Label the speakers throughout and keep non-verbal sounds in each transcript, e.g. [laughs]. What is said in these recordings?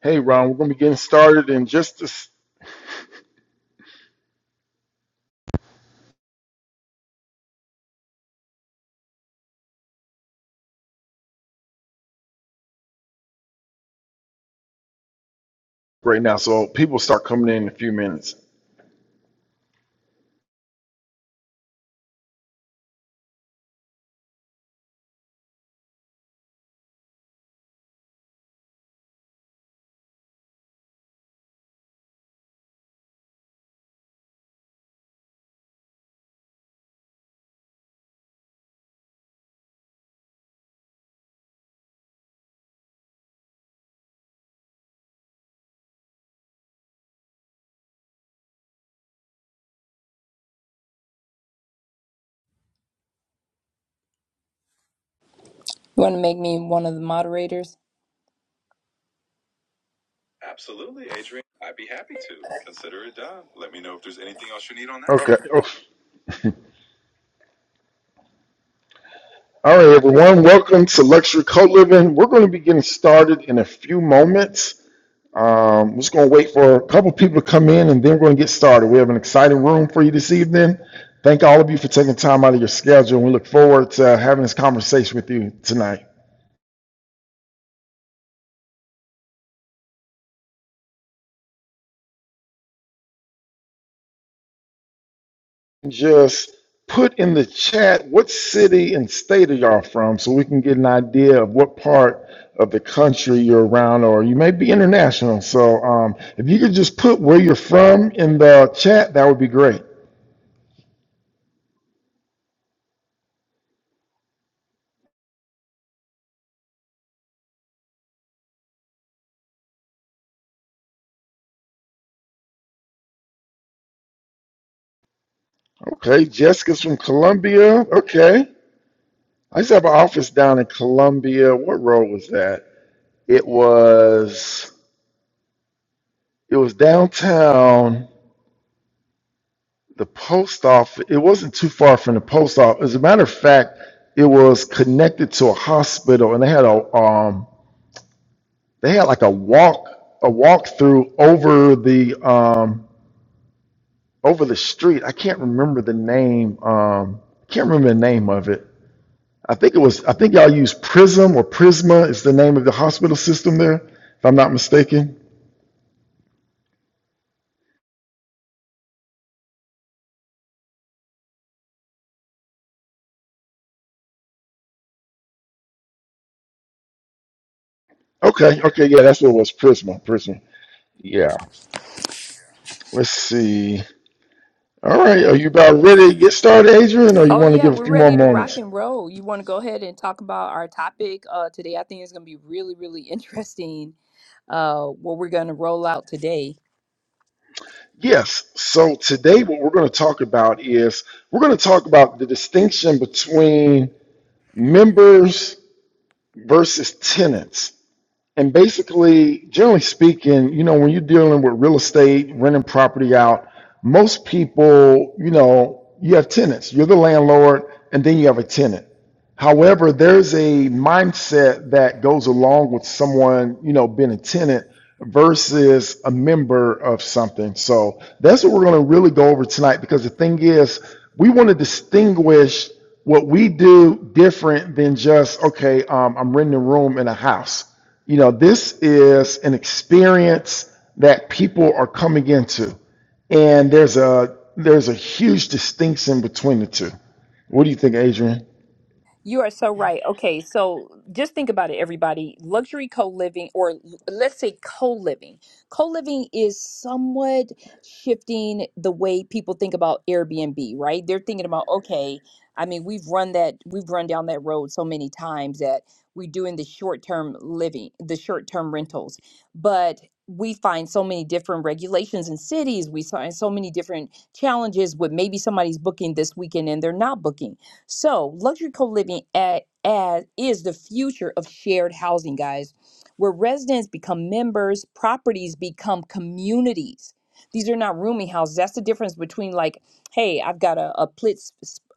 Speaker 1: Hey, Ron, we're going to be getting started in just this right now. So people start coming in in a few minutes.
Speaker 2: You want to make me one of the moderators? Absolutely, Adrian. I'd be happy to. Consider it done. Let me know if there's anything else you need on that.
Speaker 1: Okay.
Speaker 2: Okay.
Speaker 1: Oh, All right, everyone. Welcome to Luxury Co Living. We're going to be getting started in a few moments. Um, we're just going to wait for a couple people to come in and then we're going to get started. We have an exciting room for you this evening. Thank all of you for taking time out of your schedule. and We look forward to having this conversation with you tonight. just put in the chat what city and state are y'all from so we can get an idea of what part of the country you're around or you may be international so um, if you could just put where you're from in the chat that would be great okay jessica's from columbia okay i used to have an office down in columbia what road was that it was it was downtown the post office it wasn't too far from the post office as a matter of fact it was connected to a hospital and they had a um they had like a walk a walk through over the um over the street i can't remember the name um i can't remember the name of it i think it was i think y'all use prism or prisma is the name of the hospital system there if i'm not mistaken okay okay yeah that's what it was prisma prisma yeah let's see All right, are you about ready to get started, Adrian, or you
Speaker 2: Oh
Speaker 1: want to
Speaker 2: yeah,
Speaker 1: give a
Speaker 2: we're
Speaker 1: few more
Speaker 2: ready to rock
Speaker 1: moments?
Speaker 2: and roll. You want to go ahead and talk about our topic uh, today? I think it's going to be really, really interesting. Uh, what we're going to roll out today.
Speaker 1: Yes. So today what we're going to talk about is we're going to talk about the distinction between members versus tenants. And basically, generally speaking, you know, when you're dealing with real estate, renting property out, most people, you know, you have tenants. You're the landlord and then you have a tenant. However, there's a mindset that goes along with someone, you know, being a tenant versus a member of something. So that's what we're going to really go over tonight because the thing is, we want to distinguish what we do different than just, okay, um, I'm renting a room in a house. You know, this is an experience that people are coming into, and there's a there's a huge distinction between the two. What do you think, Adrian?
Speaker 2: You are so right. Okay, so just think about it, everybody. Luxury co living, or l- let's say co living, co living is somewhat shifting the way people think about Airbnb, right? They're thinking about, okay, I mean, we've run that, we've run down that road so many times that we're doing the short term living, the short term rentals, but we find so many different regulations in cities. We find so many different challenges with maybe somebody's booking this weekend and they're not booking so, luxury co living at, as is the future of shared housing, guys, where residents become members, properties become communities. These are not rooming houses. That's the difference between like, hey, I've got a, a split,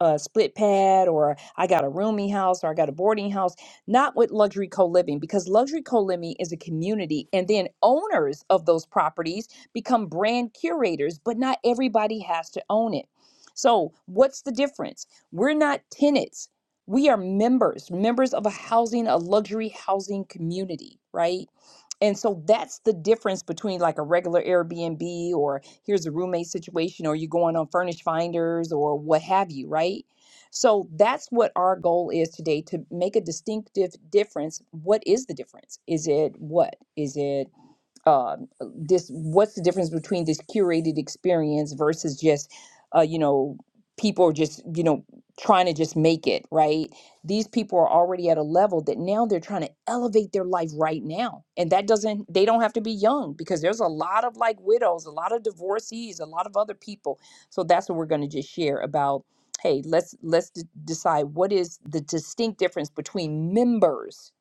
Speaker 2: a split pad, or I got a rooming house, or I got a boarding house. Not with luxury co living, because luxury co living is a community, and then owners of those properties become brand curators, but not everybody has to own it. So, what's the difference? We're not tenants. We are members, members of a housing, a luxury housing community, right? And so that's the difference between like a regular Airbnb or here's a roommate situation or you're going on furnished finders or what have you, right? So that's what our goal is today to make a distinctive difference. What is the difference? Is it what? Is it uh, this what's the difference between this curated experience versus just uh, you know people are just you know trying to just make it right these people are already at a level that now they're trying to elevate their life right now and that doesn't they don't have to be young because there's a lot of like widows a lot of divorcees a lot of other people so that's what we're going to just share about hey let's let's d- decide what is the distinct difference between members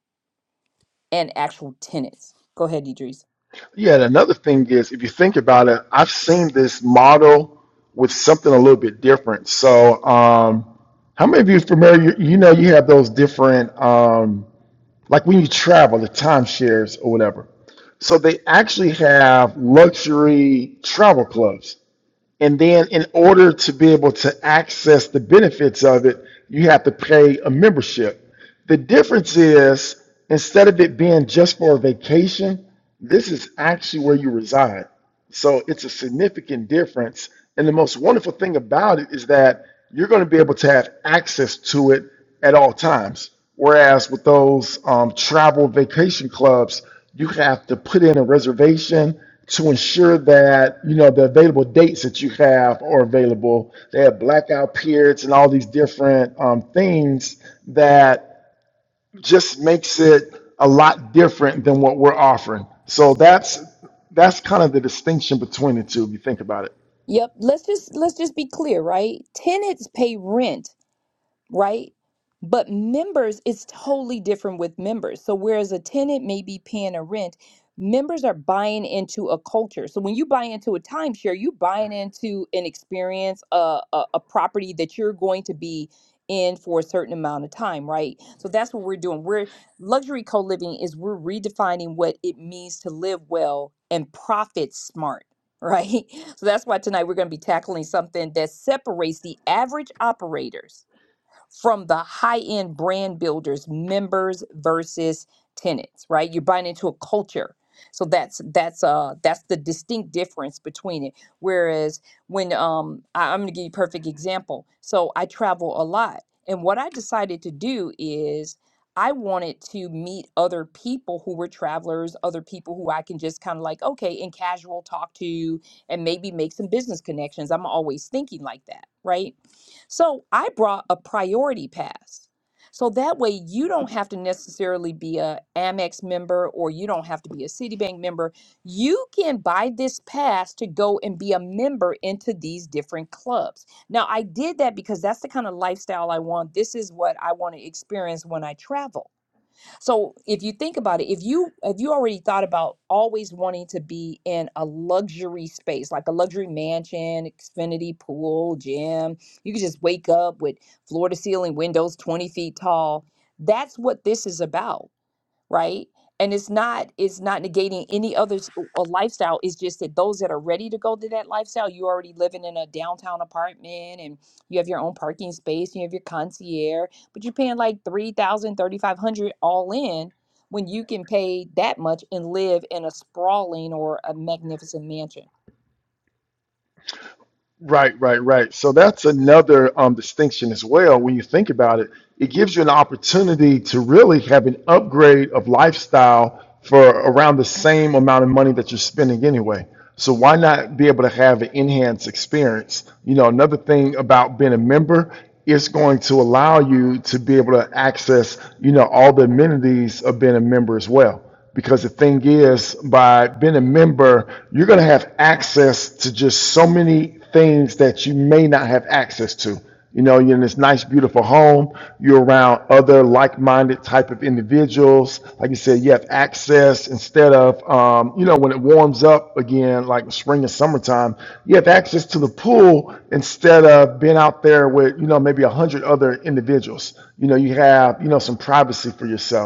Speaker 2: and actual tenants go ahead idris
Speaker 1: Yeah, and another thing is, if you think about it, I've seen this model with something a little bit different. So, um, how many of you are familiar? You, you know, you have those different, um, like when you travel, the timeshares or whatever. So they actually have luxury travel clubs. And then in order to be able to access the benefits of it, you have to pay a membership. The difference is instead of it being just for a vacation, this is actually where you reside. So it's a significant difference. And the most wonderful thing about it is that you're going to be able to have access to it at all times. Whereas with those um, travel vacation clubs, you have to put in a reservation to ensure that you know the available dates that you have are available. They have blackout periods and all these different um, things that just makes it a lot different than what we're offering. So that's that's kind of the distinction between the two if you think about it.
Speaker 2: Yep. Let's just let's just be clear, right? Tenants pay rent right? But members, it's totally different with members. So whereas a tenant may be paying a rent, members are buying into a culture. So when you buy into a timeshare, you buying into an experience, a, a, a property that you're going to be in for a certain amount of time, right? So that's what we're doing. We're luxury co-living is we're redefining what it means to live well and profit smart. Right. [laughs] So that's why tonight we're going to be tackling something that separates the average operators from the high end brand builders, members versus tenants, right? You're buying into a culture. So that's that's uh that's the distinct difference between it. Whereas when um I, I'm gonna give you a perfect example. So I travel a lot and what I decided to do is I wanted to meet other people who were travelers, other people who I can just kind of like, okay, and casual talk to and maybe make some business connections. I'm always thinking like that, right? So I brought a priority pass. So that way you don't have to necessarily be a Amex member or you don't have to be a Citibank member. You can buy this pass to go and be a member into these different clubs. Now I did that because that's the kind of lifestyle I want. This is what I want to experience when I travel. So if you think about it, if you if you already thought about always wanting to be in a luxury space, like a luxury mansion, Xfinity pool, gym, you could just wake up with floor to ceiling windows 20 feet tall. That's what this is about right and it's not it's not negating any other s- uh, lifestyle it's just that those that are ready to go to that lifestyle you already living in a downtown apartment and you have your own parking space you have your concierge but you're paying like three thousand, thirty five hundred all in when you can pay that much and live in a sprawling or a magnificent mansion
Speaker 1: Right, right, right. So that's another um, distinction as well. When you think about it, it gives you an opportunity to really have an upgrade of lifestyle for around the same amount of money that you're spending anyway. So why not be able to have an enhanced experience? You know, another thing about being a member, it's going to allow you to be able to access, you know, all the amenities of being a member as well. Because the thing is, by being a member, you're going to have access to just so many things that you may not have access to. You know, you're in this nice, beautiful home, you're around other like minded type of individuals. Like you said, you have access instead of, um, you know, when it warms up again, like spring and summertime, you have access to the pool instead of being out there with, you know, maybe a hundred other individuals. You know, you have, you know, some privacy for yourself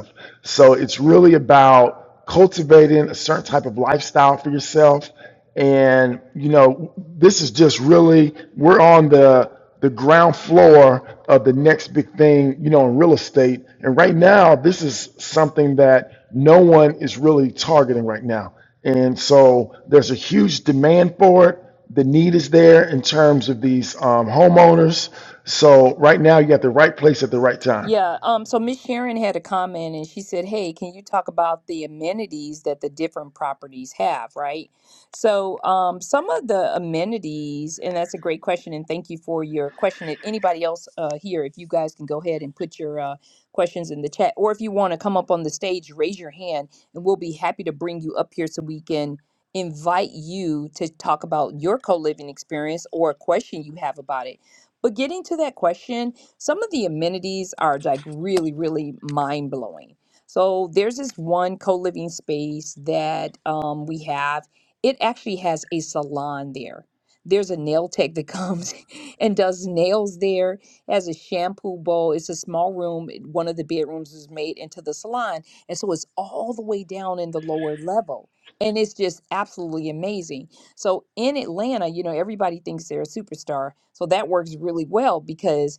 Speaker 1: so it's really about cultivating a certain type of lifestyle for yourself. And you know, this is just really we're on the the ground floor of the next big thing, you know, in real estate. And right now, this is something that no one is really targeting right now. And so there's a huge demand for it. The need is there in terms of these um, homeowners. So right now, you got the right place at the right time.
Speaker 2: Yeah, um, so Miss Sharon had a comment and she said, Hey, can you talk about the amenities that the different properties have, right? So, um, some of the amenities, and that's a great question, and thank you for your question. If anybody else uh, here, if you guys can go ahead and put your uh, questions in the chat, or if you want to come up on the stage, raise your hand and we'll be happy to bring you up here so we can invite you to talk about your co living experience or a question you have about it. But getting to that question, some of the amenities are like really, really mind blowing. So there's this one co living space that um, we have. It actually has a salon there. There's a nail tech that comes [laughs] and does nails there. It has a shampoo bowl. It's a small room. It- One of the bedrooms is made into the salon. And so it's all the way down in the lower level. And it's just absolutely amazing. So in Atlanta, you know, everybody thinks they're a superstar. So that works really well because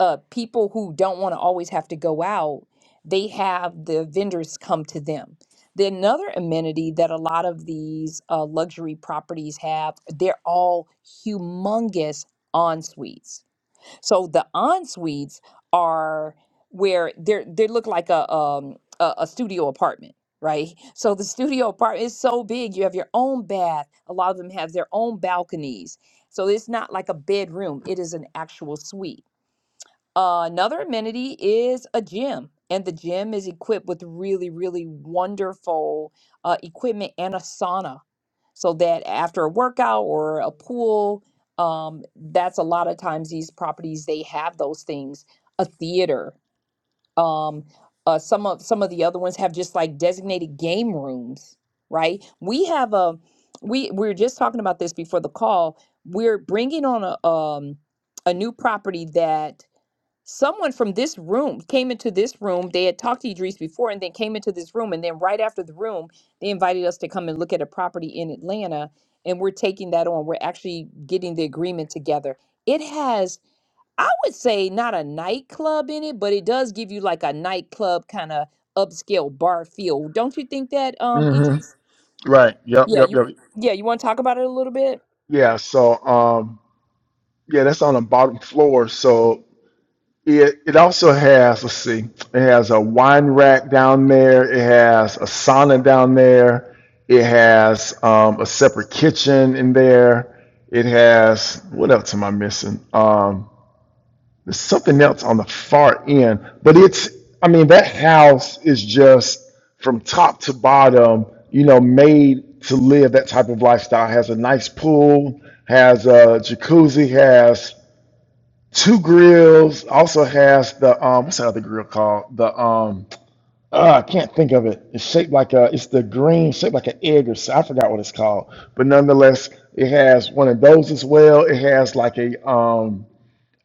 Speaker 2: uh, people who don't want to always have to go out, they have the vendors come to them. The another amenity that a lot of these uh, luxury properties have, they're all humongous en suites. So the en suites are where they're they look like a um a, a studio apartment. Right. So the studio apartment is so big. You have your own bath. A lot of them have their own balconies. So it's not like a bedroom, it is an actual suite. Uh, another amenity is a gym, and the gym is equipped with really, really wonderful uh, equipment and a sauna, so that after a workout or a pool, um, that's a lot of times these properties they have those things. A theater, um, uh, some of some of the other ones have just like designated game rooms, right? We have a we we were just talking about this before the call. We're bringing on a um, a new property that Someone from this room came into this room. They had talked to Idris before and then came into this room. And then right after the room, they invited us to come and look at a property in Atlanta. And we're taking that on. We're actually getting the agreement together. It has, I would say, not a nightclub in it, but it does give you like a nightclub kind of upscale bar feel. Don't you think that, um,
Speaker 1: Mm-hmm.
Speaker 2: Idris?
Speaker 1: Right. Yep.
Speaker 2: Yeah,
Speaker 1: Yep.
Speaker 2: you
Speaker 1: Yep.
Speaker 2: yeah, you want to talk about it a little bit?
Speaker 1: Yeah. So, um, yeah, that's on the bottom floor. So it it also has let's see, it has a wine rack down there. It has a sauna down there. It has um, a separate kitchen in there. It has what else am I missing? Um, There's something else on the far end, but it's, I mean, that house is just from top to bottom, you know, made to live that type of lifestyle. Has a nice pool, has a jacuzzi, has two grills, also has the, um, what's that other grill called? The, um, uh, I can't think of it. It's shaped like a, it's the green, shaped like an egg or so. I forgot what it's called, but nonetheless, it has one of those as well. It has like a, um,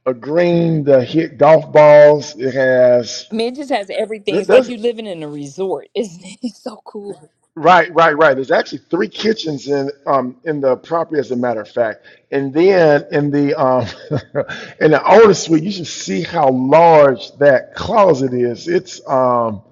Speaker 1: a green to hit golf balls. It has
Speaker 2: I mean, it just has everything.
Speaker 1: th-
Speaker 2: It's like
Speaker 1: there's
Speaker 2: you living in a resort, isn't it? [laughs] It's so cool.
Speaker 1: right, right, right. There's actually three kitchens in um in the property, as a matter of fact. And then in the um [laughs] in the older suite, you should see how large that closet is. It's um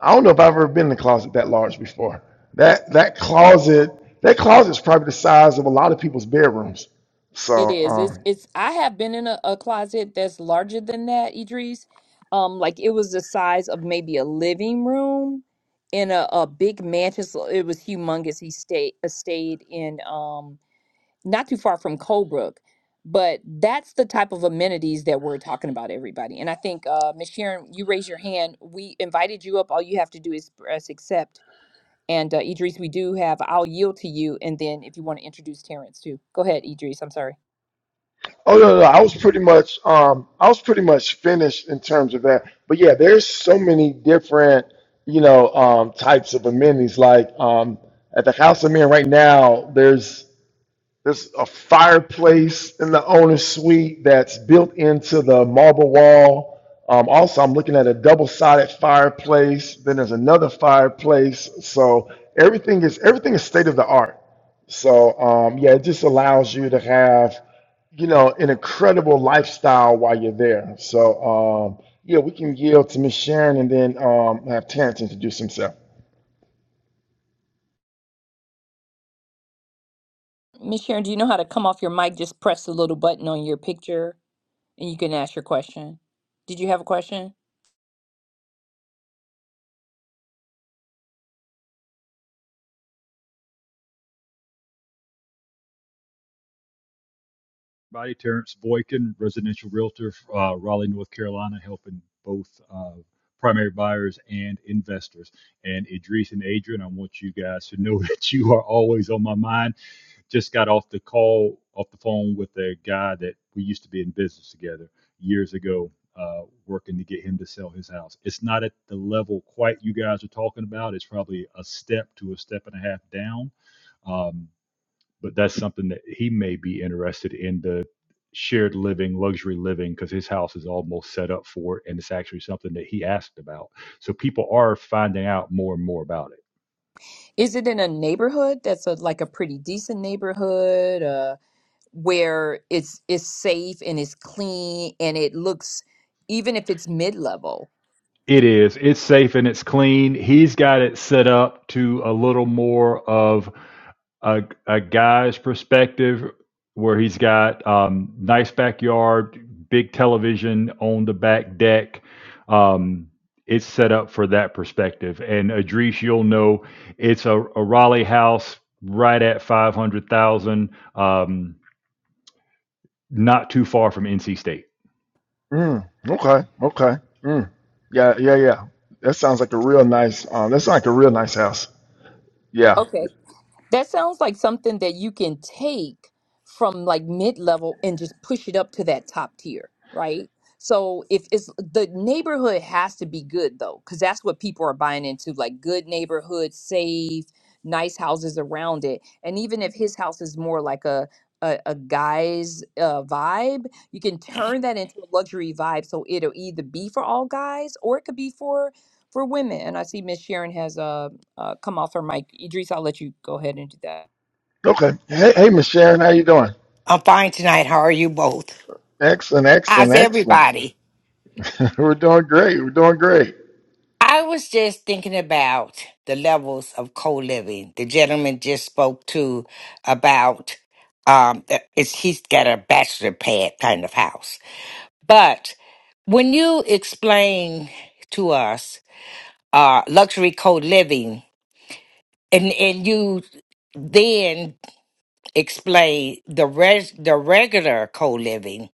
Speaker 1: I don't know if I've ever been in a closet that large before. That that closet that closet's probably the size of a lot of people's bedrooms. So
Speaker 2: It is.
Speaker 1: um
Speaker 2: It's it's I have been in a, a closet that's larger than that, Idris. Um, like it was the size of maybe a living room in a, a big mansion. So It was humongous. He stayed uh, stayed in um not too far from Colebrook. But that's the type of amenities that we're talking about, everybody. And I think uh Miss Sharon, you raise your hand. We invited you up. All you have to do is press accept. And uh, Idris, we do have I'll yield to you and then if you want to introduce Terrence too. Go ahead, Idris. I'm sorry.
Speaker 1: Oh no, no, no, I was pretty much um I was pretty much finished in terms of that. But yeah, there's so many different, you know, um types of amenities. Like um at the House of Men right now, there's there's a fireplace in the owner's suite that's built into the marble wall. Um, also, I'm looking at a double-sided fireplace. Then there's another fireplace. So everything is everything is state of the art. So um, yeah, it just allows you to have you know an incredible lifestyle while you're there. So um, yeah, we can yield to Miss Sharon and then um, have Terrence introduce himself.
Speaker 2: Miss Sharon, do you know how to come off your mic? Just press the little button on your picture and you can ask your question. Did you have a question?
Speaker 3: everybody. Terrence Boykin, residential realtor, uh, Raleigh, North Carolina, helping both uh, primary buyers and investors. And Idris and Adrian, I want you guys to know [laughs] that you are always on my mind. Just got off the call, off the phone with a guy that we used to be in business together years ago. Uh, working to get him to sell his house. It's not at the level quite you guys are talking about. It's probably a step to a step and a half down. Um, but that's something that he may be interested in the shared living, luxury living, because his house is almost set up for it, and it's actually something that he asked about. So people are finding out more and more about it.
Speaker 2: Is it in a neighborhood that's a, like a pretty decent neighborhood uh, where it's it's safe and it's clean and it looks even if it's mid-level?
Speaker 3: It is. It's safe and it's clean. He's got it set up to a little more of a, a guy's perspective where he's got um, nice backyard, big television on the back deck. Um, it's set up for that perspective. And Adrice, you'll know it's a, a Raleigh house right at 500,000, um, not too far from NC State.
Speaker 1: Mm, okay, okay. Mm, yeah, yeah, yeah. That sounds like a real nice. Um, that sounds like a real nice house. Yeah.
Speaker 2: Okay. That sounds like something that you can take from like mid-level and just push it up to that top tier, right? So if it's the neighborhood has to be good though, because that's what people are buying into, like good neighborhood, safe, nice houses around it. And even if his house is more like a a, a guy's uh, vibe, you can turn that into a luxury vibe. So it'll either be for all guys or it could be for for women. And I see Miss Sharon has uh, uh, come off her mic. Idris, I'll let you go ahead and do that.
Speaker 1: Okay. Hey, hey, Miss Sharon, how you doing?
Speaker 4: I'm fine tonight. How are you both?
Speaker 1: Excellent, excellent,
Speaker 4: How's
Speaker 1: excellent.
Speaker 4: everybody?
Speaker 1: [laughs] We're doing great. We're doing great.
Speaker 4: I was just thinking about the levels of co living. The gentleman just spoke to about um, the- it's, he's got a bachelor pad kind of house. But when you explain to us uh, luxury co living, and and you then explain the res- the regular co living.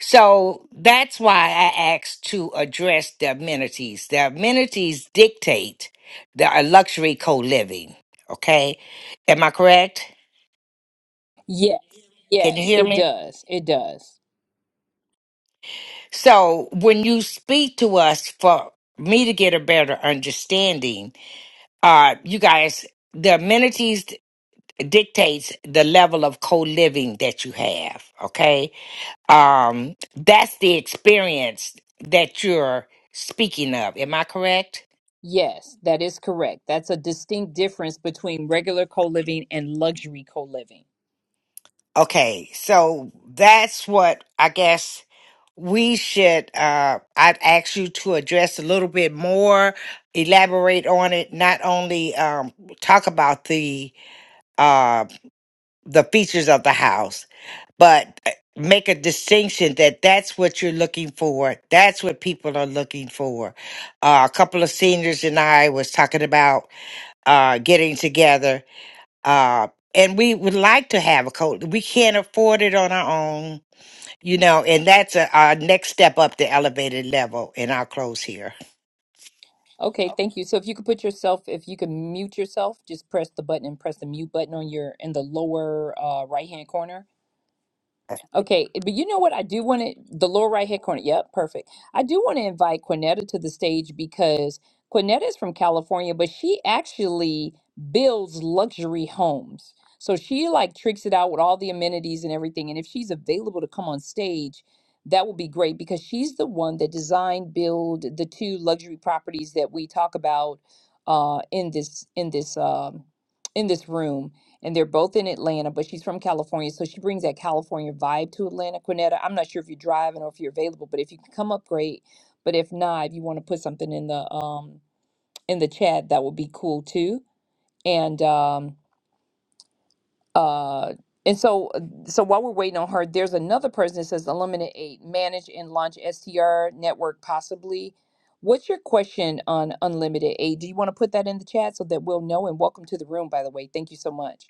Speaker 4: So that's why I asked to address the amenities. The amenities dictate the a luxury co-living. Okay. Am I correct?
Speaker 2: Yes,
Speaker 4: Can you
Speaker 2: yes,
Speaker 4: hear
Speaker 2: it
Speaker 4: me?
Speaker 2: does. It does.
Speaker 4: So when you speak to us for me to get a better understanding, uh, you guys, the amenities d- dictates the level of co-living that you have. Okay. Um, that's the experience that you're speaking of. Am I correct?
Speaker 2: Yes, that is correct. That's a distinct difference between regular co-living and luxury co-living.
Speaker 4: Okay, so that's what I guess we should uh I'd ask you to address a little bit more, elaborate on it, not only um talk about the uh the features of the house, but uh, make a distinction that that's what you're looking for. That's what people are looking for. Uh, a couple of seniors and I was talking about uh getting together uh and we would like to have a coach. We can't afford it on our own you know, and that's a, our next step up the elevated level. And I'll close here.
Speaker 2: Okay, thank you. So if you could put yourself, if you could mute yourself, just press the button and press the mute button on your in the lower uh, right hand corner. Okay, eh, but you know what? I do want to the lower right hand corner. Yep, perfect. I do want to invite Quinetta to the stage because Quinetta is from California, but she actually builds luxury homes. So she like tricks it out with all the amenities and everything. And if she's available to come on stage, that would be great because she's the one that designed, build the two luxury properties that we talk about uh, in this in this um, in this room and they're both in Atlanta, but she's from California, so she brings that California vibe to Atlanta. Quinetta, I'm not sure if you're driving or if you're available, but if you can come up, great. But if not, if you want to put something in the um in the chat, that would be cool too. And um uh and so uh, so while we're waiting on her, there's another person that says eliminate eight, manage and launch STR network possibly. What's your question on unlimited aid? Do you want to put that in the chat so that we'll know? And welcome to the room, by the way. Thank you so much.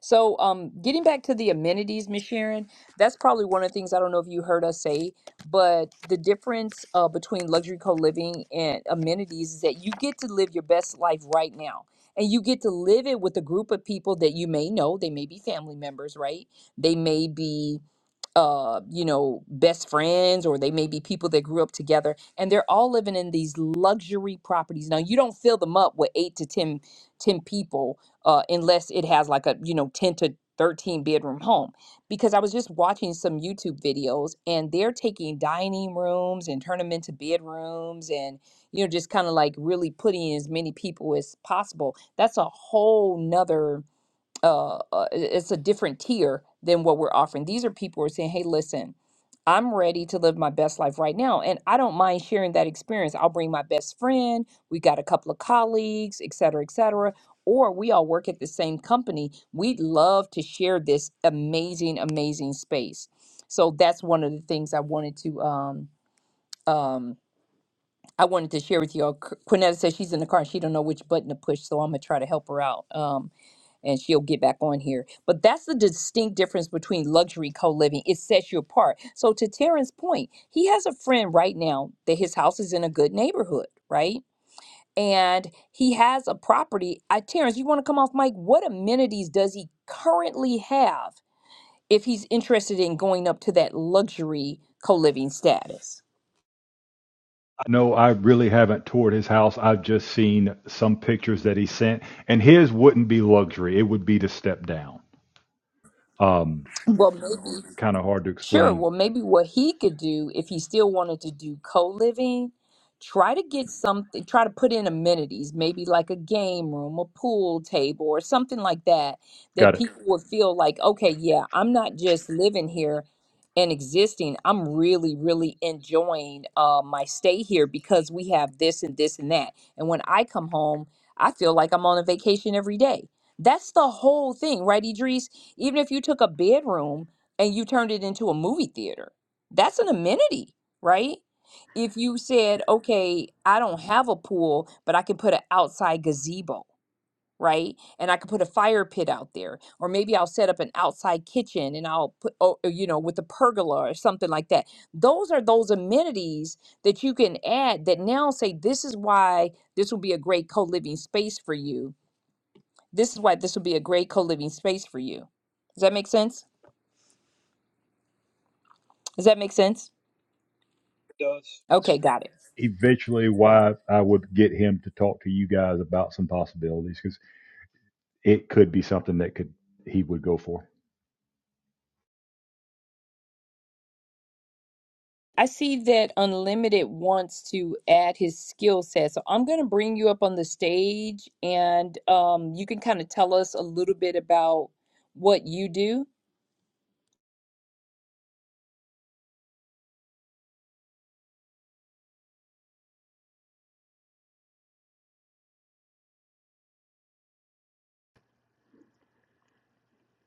Speaker 2: So, um, getting back to the amenities, Miss Sharon, that's probably one of the things I don't know if you heard us say, but the difference uh, between luxury co living and amenities is that you get to live your best life right now. And you get to live it with a group of people that you may know. They may be family members, right? They may be, uh, you know, best friends, or they may be people that grew up together. And they're all living in these luxury properties. Now, you don't fill them up with eight to ten ten people uh, unless it has like a you know 10 to 13 bedroom home because i was just watching some youtube videos and they're taking dining rooms and turn them into bedrooms and you know just kind of like really putting as many people as possible that's a whole nother uh, uh, it- it's a different tier than what we're offering. These are people who are saying, hey, listen, I'm ready to live my best life right now. And I don't mind sharing that experience. I'll bring my best friend. We got a couple of colleagues, et cetera, et cetera. Or we all work at the same company. We'd love to share this amazing, amazing space. So that's one of the things I wanted to um, um, I wanted to share with you all. Qu- Quinetta says she's in the car and she don't know which button to push, so I'm gonna try to help her out. Um, and she'll get back on here. But that's the distinct difference between luxury co living. It sets you apart. So, to Terrence's point, he has a friend right now that his house is in a good neighborhood, right? And he has a property. I, Terrence, you want to come off mic? What amenities does he currently have if he's interested in going up to that luxury co living status?
Speaker 3: No, I really haven't toured his house. I've just seen some pictures that he sent, and his wouldn't be luxury. It would be to step down. Um,
Speaker 2: Well, maybe.
Speaker 3: kind of hard to
Speaker 2: Sure.
Speaker 3: explain.
Speaker 2: Well, maybe what he could do if he still wanted to do co-living, try to get something, try to put in amenities, maybe like a game room, a pool table, or something like that, that
Speaker 3: Got it.
Speaker 2: people would feel like, okay, yeah, I'm not just living here and existing. I'm really, really enjoying uh, my stay here because we have this and this and that. And when I come home, I feel like I'm on a vacation every day. That's the whole thing, right, Idris? Even if you took a bedroom and you turned it into a movie theater. That's an amenity, right? If you said, okay, I don't have a pool, but I can put an outside gazebo, right? And I could put a fire pit out there, or maybe I'll set up an outside kitchen and I'll put, oh, uh, you know, with a pergola or something like that. Those are those amenities that you can add that now say, this is why this will be a great co living space for you. This is why this will be a great co living space for you. Does that make sense? Does that make sense? Okay, got it.
Speaker 3: Eventually, why I would get him to talk to you guys about some possibilities because it could be something that could he would go for.
Speaker 2: I see that Unlimited wants to add his skill set. So I'm going to bring you up on the stage and um, you can kind of tell us a little bit about what you do.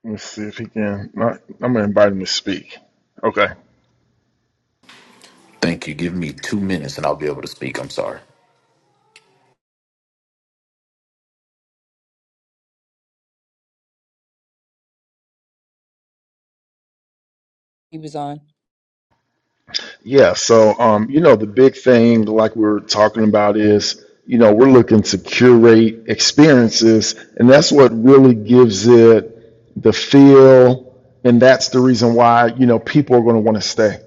Speaker 1: Let's see if he can. I- I'm gonna invite him to speak. Okay.
Speaker 5: Thank you. Give me two minutes and I'll be able to speak. I'm sorry.
Speaker 2: He was on.
Speaker 1: Yeah, so um, you know, the big thing like we we're talking about is, you know, we're looking to curate experiences, and that's what really gives it the feel, and that's the reason why, you know, people are going to want to stay.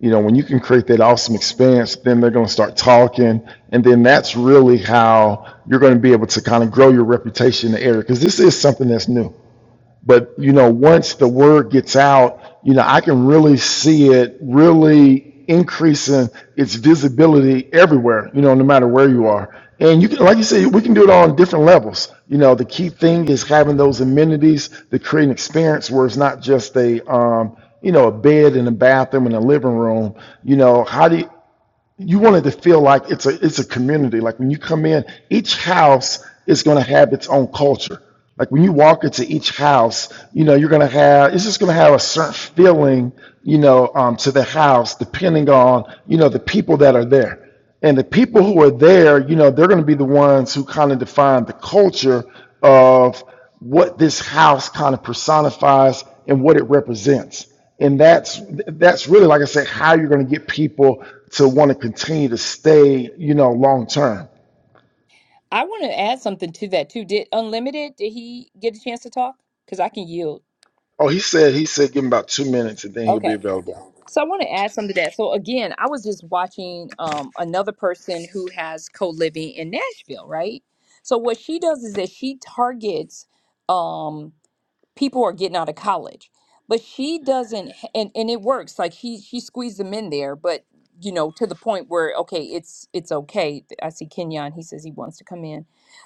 Speaker 1: You know, when you can create that awesome experience, then they're going to start talking, and then that's really how you're going to be able to kind of grow your reputation in the area because this is something that's new but you know once the word gets out you know i can really see it really increasing its visibility everywhere you know no matter where you are and you can like you said we can do it on different levels you know the key thing is having those amenities to create an experience where it's not just a um, you know a bed and a bathroom and a living room you know how do you you want it to feel like it's a it's a community. Like when you come in, each house is going to have its own culture. Like when you walk into each house, you know you're going to have it's just going to have a certain feeling, you know, um, to the house depending on you know the people that are there and the people who are there, you know, they're going to be the ones who kind of define the culture of what this house kind of personifies and what it represents. And that's that's really, like I said, how you're going to get people to want to continue to stay, you know, long term.
Speaker 2: I want to add something to that too. Did Unlimited, did he get a chance to talk? Because I can yield.
Speaker 1: Oh, he said he said give him about two minutes and then he'll be
Speaker 2: Okay.
Speaker 1: available.
Speaker 2: So I want to add something to that. So again, I was just watching um, another person who has co living in Nashville, right? So what she does is that she targets. Um, people are getting out of college but she doesn't h- and and it works like she she squeezed them in there but you know to the point where okay it's it's okay i see kenyon he says he wants to come in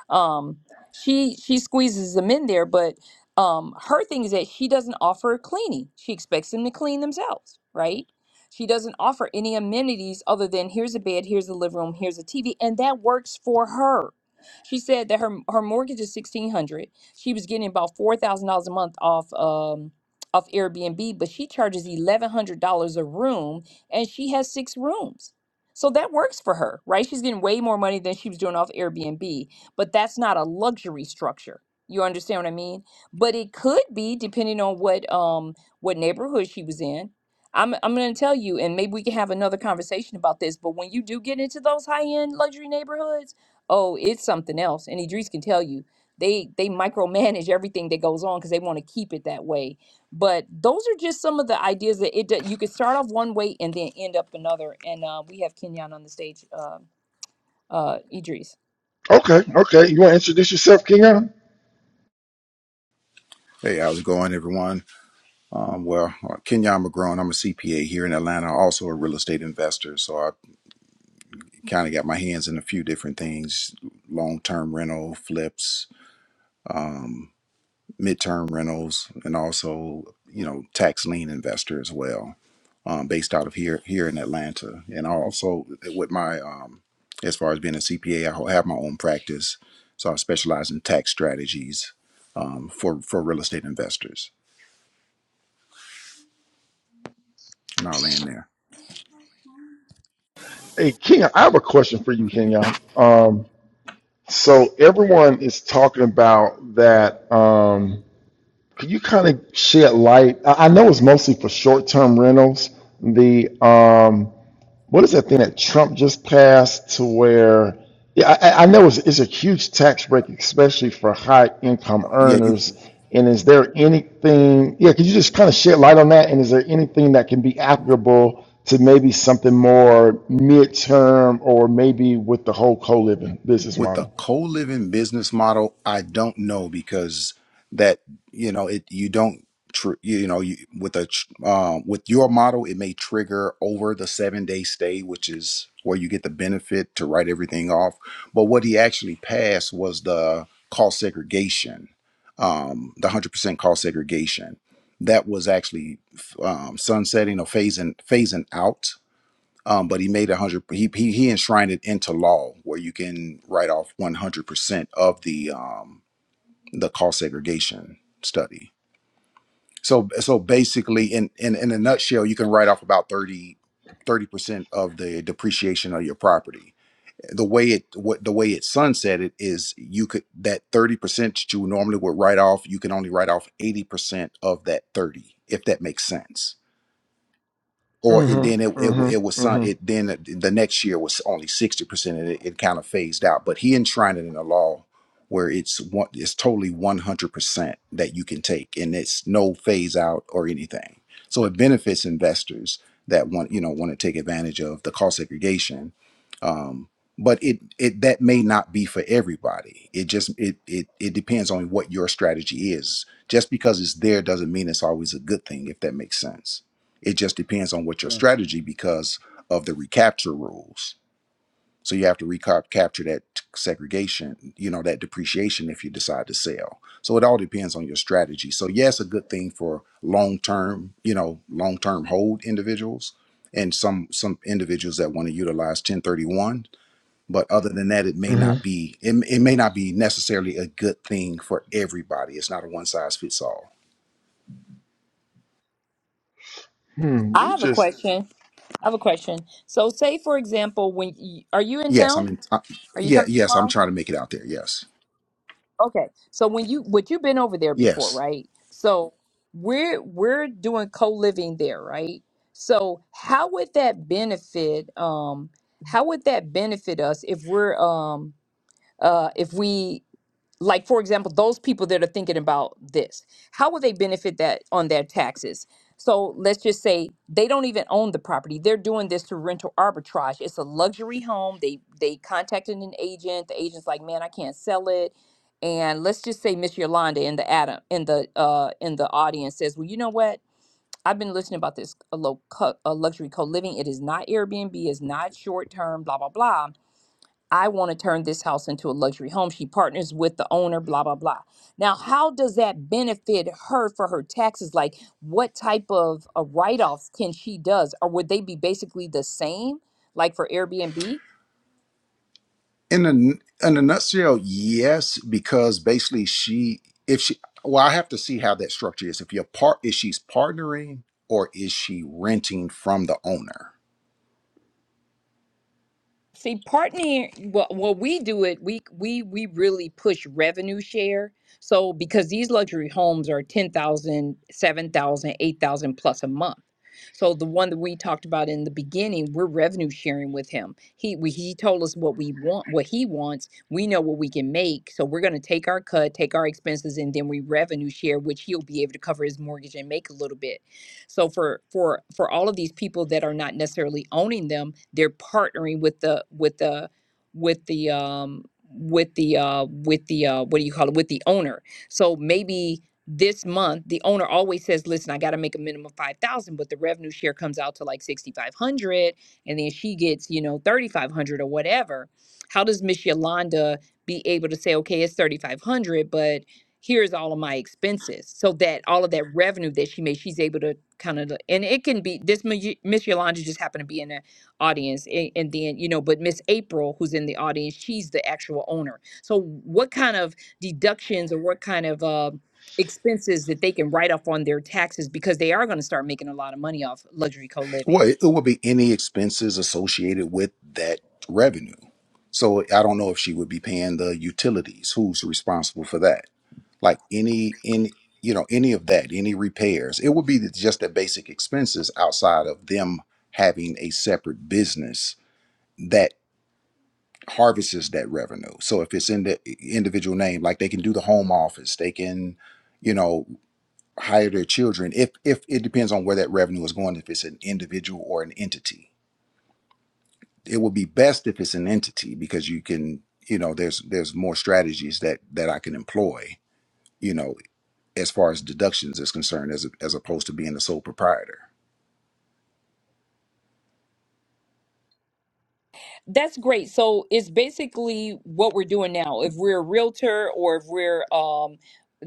Speaker 2: um she she squeezes them in there but um her thing is that she doesn't offer cleaning she expects them to clean themselves right she doesn't offer any amenities other than here's a bed here's a living room here's a tv and that works for her she said that her her mortgage is 1600 she was getting about four thousand dollars a month off um off Airbnb, but she charges eleven hundred dollars a room, and she has six rooms. So that works for her, right? She's getting way more money than she was doing off Airbnb, but that's not a luxury structure. You understand what I mean? But it could be depending on what um what neighborhood she was in. I'm I'm going to tell you, and maybe we can have another conversation about this. But when you do get into those high end luxury neighborhoods, oh, it's something else. And Idris can tell you they they micromanage everything that goes on because they want to keep it that way but those are just some of the ideas that it that you could start off one way and then end up another and uh, we have kenyon on the stage uh, uh, idris
Speaker 1: Okay, okay. You want to introduce yourself, Kenyon?
Speaker 6: Hey, how's it going, everyone? Um, well, uh, Kenyon McGrone, I'm a CPA here in Atlanta, also a real estate investor. So I kind of got my hands in a few different things long term rental, flips, midterm rentals, and also, you know, tax lien investor as well, um, based out of here here in Atlanta. And I also, with my, um, as far as being a CPA, I have my own practice. So I specialize in tax strategies um, for, for real estate investors. And I'll land there.
Speaker 1: Hey, Kenyon, I have a question for you,
Speaker 6: Mhm.
Speaker 1: Kenyon. Um, so everyone is talking about that. Um, Could you kind of shed light? I I know it's mostly for short-term rentals. The um, what is that thing that Trump just passed to where? Yeah, I, I I know it's, it's a huge tax break, especially for
Speaker 6: Uh,
Speaker 1: high-income
Speaker 6: yeah, you,
Speaker 1: earners. And is there anything? Yeah, could you just kind of shed light on that? And is there anything that can be applicable to maybe something more mid-term or maybe with the whole co-living business
Speaker 6: with the
Speaker 1: model?
Speaker 6: co-living business model i don't know because that you know it you don't tr- you know you, with a tr- um, with your model it may trigger over the seven day stay which is where you get the benefit to write everything off but what he actually passed was the cost segregation um, the 100% cost segregation that was actually f- um, sunsetting or phasing phasing out um, but he made a hundred. He, he he enshrined it into law where you can write off one hundred percent of the um, the cost segregation study. So so basically, in in in a nutshell, you can write off about 30 percent of the depreciation of your property. The way it what the way it sunset it is you could that thirty percent that you normally would write off, you can only write off eighty percent of that thirty, if that makes sense or it then it
Speaker 1: Mm-hmm.
Speaker 6: it, it was
Speaker 1: Mm-hmm.
Speaker 6: some
Speaker 1: Mm-hmm.
Speaker 6: it then the next year was only 60% and it, it kind of phased out but he enshrined it in a law where it's one it's totally 100% that that you can take and it's no phase out or anything so it benefits investors that want you know want to take advantage of the cost segregation um, but it it that may not be for everybody it just it it, it depends on what your strategy is just because it's there doesn't mean it's always a good thing if that makes sense it just depends on what your
Speaker 1: Gotcha.
Speaker 6: strategy because of the recapture rules so you have to recapture that segregation, you know, that depreciation if you decide to sell. So it all depends on your strategy. So yes, a good thing for long term, you know, long term hold individuals and some some individuals that want to utilize 1031. But other than that, it may
Speaker 1: hmm
Speaker 6: not be it, it may not be necessarily a good thing for everybody. It's not a one size fits all.
Speaker 1: Hmm,
Speaker 2: i
Speaker 1: you
Speaker 2: have a
Speaker 1: just
Speaker 2: question i have a question so say for example when you, are you in
Speaker 6: Yes, I
Speaker 2: town
Speaker 6: mean, I,
Speaker 2: are you
Speaker 6: yeah,
Speaker 2: coming
Speaker 6: yes, I'm
Speaker 2: tomorrow
Speaker 6: trying to make it out there. Yes,
Speaker 2: Okay. So when you what you've been over there before,
Speaker 6: yes.
Speaker 2: right? So we're we're doing co-living there, right? So how would that benefit um how would that benefit us if we're um uh if we like for example those people that are thinking about this how will they benefit that on their taxes so let's just say they don't even own the property they're doing this through rental arbitrage it's a luxury home they they contacted an agent the agent's like man i can't sell it and let's just say miss yolanda in the adam in the uh in the audience says well you know what i've been listening about this a low co- a luxury co-living it is not airbnb it's not short term blah blah blah I want to turn this house into a luxury home. She partners with the owner, blah, blah, blah. Now, how does that benefit her for her taxes? Like, what type of uh, write offs can she does? Or would they be basically the same, like for Airbnb?
Speaker 6: in a in a nutshell, yes, because basically she if she well, I have to see how that structure is. If your part is she's partnering or is she renting from the owner?
Speaker 2: See, partnering, well, well, we do it. We we we really push revenue share. So because these luxury homes are 10,000, 7,000, 8,000 plus a month. So the one that we talked about in the beginning, we're revenue sharing with him. He we, he told us what we want, what he wants. We know what we can make. So we're going to take our cut, take our expenses and then we revenue share which he'll be able to cover his mortgage and make a little bit. So for for for all of these people that are not necessarily owning them, they're partnering with the with the with the um with the uh with the uh what do you call it with the owner. So maybe this month the owner always says, "Listen, I got to make a minimum of 5,000, but the revenue share comes out to like 6,500 and then she gets, you know, 3,500 or whatever." How does Miss Yolanda be able to say, "Okay, it's 3,500, but here's all of my expenses so that all of that revenue that she made she's able to kind of and it can be this miss yolanda just happened to be in the audience a- and then you know but miss april who's in the audience she's the actual owner so what kind of deductions or what kind of uh, expenses that they can write off on their taxes because they are going to start making a lot of money off luxury
Speaker 6: Well,
Speaker 2: co-living
Speaker 6: it, it would be any expenses associated with that revenue. So I don't know if she would be paying the utilities. Who's responsible for that? Like any any you know any of that, any repairs. It would be the, just the basic expenses outside of them having a separate business harvests that revenue. So if it's in the individual name, like they can do the home office, they can, you know, hire their children. If if it depends on where that revenue is going, if it's an individual or an entity, it would be best if it's an entity because you can, you know, there's there's more strategies that that I can employ, you know, as far as deductions is concerned, as as opposed to being the sole proprietor.
Speaker 2: That's great. So it's basically what we're doing now. If we're a realtor or if we're um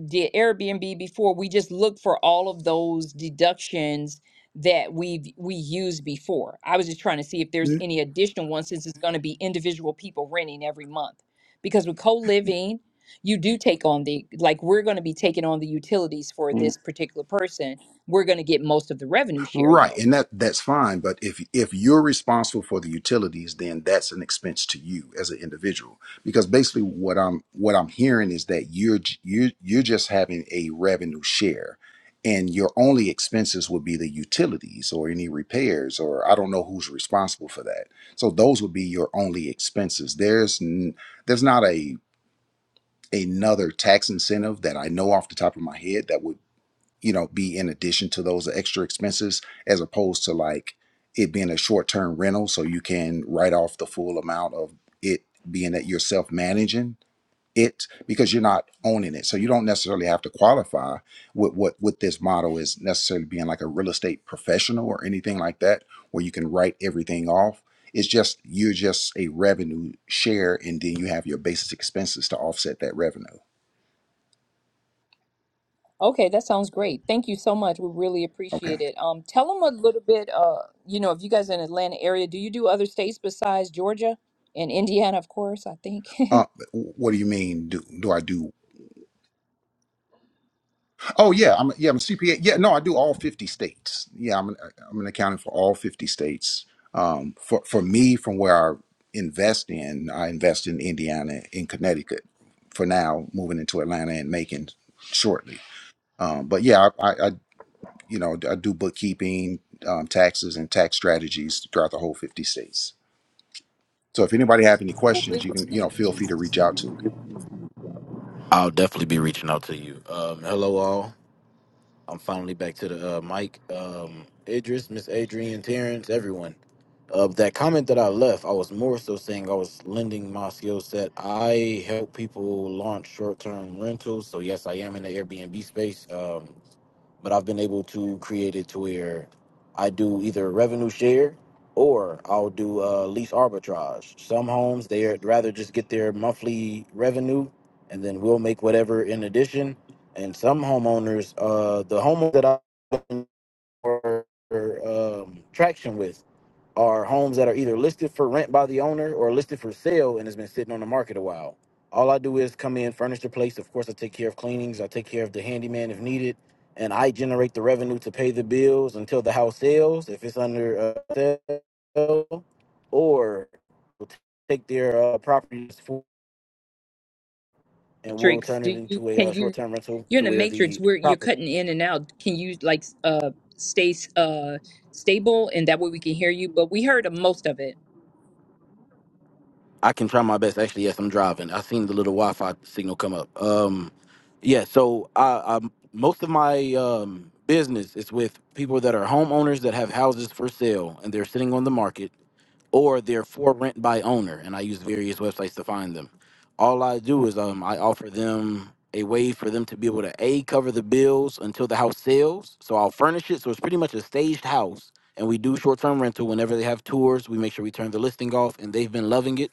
Speaker 2: did Airbnb before, we just look for all of those deductions that we've we used before. I was just trying to see if there's any additional ones since it's going to be individual people renting every month. Because with co-living, you do take on the like we're going to be taking on the utilities for this particular person. We're going to get most of the revenue share
Speaker 6: Right,
Speaker 2: though.
Speaker 6: and that that's fine. But if if you're responsible for the utilities, then that's an expense to you as an individual. Because basically, what I'm what I'm hearing is that you're j- you're you're just having a revenue share, and your only expenses would be the utilities or any repairs, or I don't know who's responsible for that. So those would be your only expenses. There's n- there's not a another tax incentive that I know off the top of my head that would you know, be in addition to those extra expenses as opposed to like it being a short term rental. So you can write off the full amount of it being that you're self managing it because you're not owning it. So you don't necessarily have to qualify with what with this model is necessarily being like a real estate professional or anything like that, where you can write everything off. It's just you're just a revenue share and then you have your basic expenses to offset that revenue.
Speaker 2: Okay, that sounds great. Thank you so much. We really
Speaker 6: Okay.
Speaker 2: appreciate it. Um, tell them a little bit, uh, you know, if you guys are in Atlanta area, do you do other states besides Georgia and Indiana, of course, I think?
Speaker 6: Uh,
Speaker 2: [laughs]
Speaker 6: what do you mean? Do, do I do Oh yeah, I'm yeah I'm a CPA. Yeah, no, I do all fifty states. Yeah, I'm an, I'm an accountant for all fifty states. Um, for for me, from where I invest in, I invest in Indiana, in Connecticut, for now, moving into Atlanta and Macon shortly. Um, but yeah, I, I, I you know I do bookkeeping, um, taxes, and tax strategies throughout the whole fifty states. So if anybody have any
Speaker 2: Well,
Speaker 6: questions,
Speaker 2: big
Speaker 6: you can you know feel free to reach out to me.
Speaker 5: I'll definitely be reaching out to you. Um, hello, all. I'm finally back to the uh, mic. Um, Idris, Miss Adrian, Terrence, everyone. Uh, that comment that I left, I was more so saying I was lending my skill set. I help people launch short term rentals. So, yes, I am in the Airbnb space. Um, but I've been able to create it to where I do either revenue share or I'll do uh, lease arbitrage. Some homes they'd rather just get their monthly revenue, and then we'll make whatever in addition. And some homeowners, uh, the homeowners that I for um, traction with are homes that are either listed for rent by the owner or listed for sale and has been sitting on the market a while. All I do is come in, furnish the place. Of course, I take care of cleanings, I take care of the handyman if needed, and I generate the revenue to pay the bills until the house sells if it's under uh, sale, or we'll take their uh, properties for, and we'll
Speaker 2: Matrix,
Speaker 5: turn it
Speaker 2: do you
Speaker 5: into a uh,
Speaker 2: can you
Speaker 5: short-term rental
Speaker 2: You're
Speaker 5: to
Speaker 2: in the
Speaker 5: where
Speaker 2: matrix
Speaker 5: the
Speaker 2: where you're
Speaker 5: property.
Speaker 2: cutting in and out. Can you like uh stay uh stable and that way we can hear you? But we heard most of it.
Speaker 5: I can try my best. Actually, yes, I'm driving. I seen the little Wi-Fi signal come up. Um, yeah. So I, I most of my um, business is with people that are homeowners that have houses for sale and they're sitting on the market or they're for rent by owner, and I use various websites to find them. All I do is um, I offer them a way for them to be able to a cover the bills until the house sells. So I'll furnish it. So it's pretty much a staged house, and we do short term rental whenever they have tours. We make sure we turn the listing off, and they've been loving it.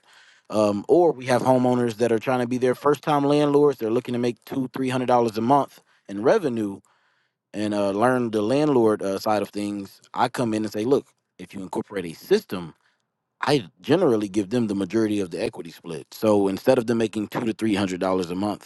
Speaker 5: Um, or we have homeowners that are trying to be their first time landlords. They're looking to make two, three hundred dollars a month in revenue and uh, learn the landlord uh, side of things. I come in and say, look, if you incorporate a system I generally give them the majority of the equity split. So instead of them making two to three hundred dollars a month,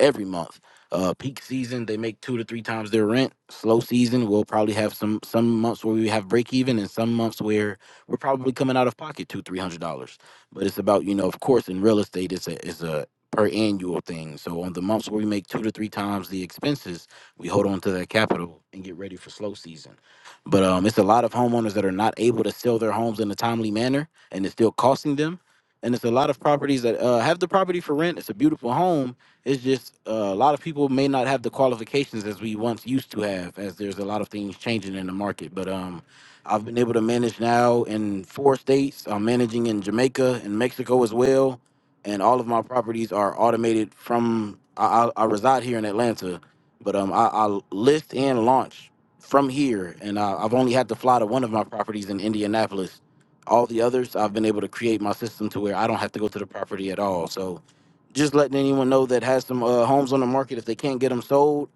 Speaker 5: every month. Uh, peak season, they make two to three times their rent. Slow season, we'll probably have some some months where we have break even, and some months where we're probably coming out of pocket two three hundred dollars. But it's about you know, of course, in real estate, it's a it's a per annual thing. So on the months where we make two to three times the expenses, we hold on to that capital and get ready for slow season. But um, it's a lot of homeowners that are not able to sell their homes in a timely manner, and it's still costing them. And it's a lot of properties that uh, have the property for rent. It's a beautiful home, it's just uh, a lot of people may not have the qualifications as we once used to have, as there's a lot of things changing in the market. But um, I've been able to manage now in four states. I'm managing in Jamaica and Mexico as well, and all of my properties are automated from. I, I, I reside here in Atlanta, but um, I, I list and launch from here, and I, I've only had to fly to one of my properties in Indianapolis. All the others, I've been able to create my system to where I don't have to go to the property at all. So just letting anyone know that has some uh, homes on the market if they can't get them sold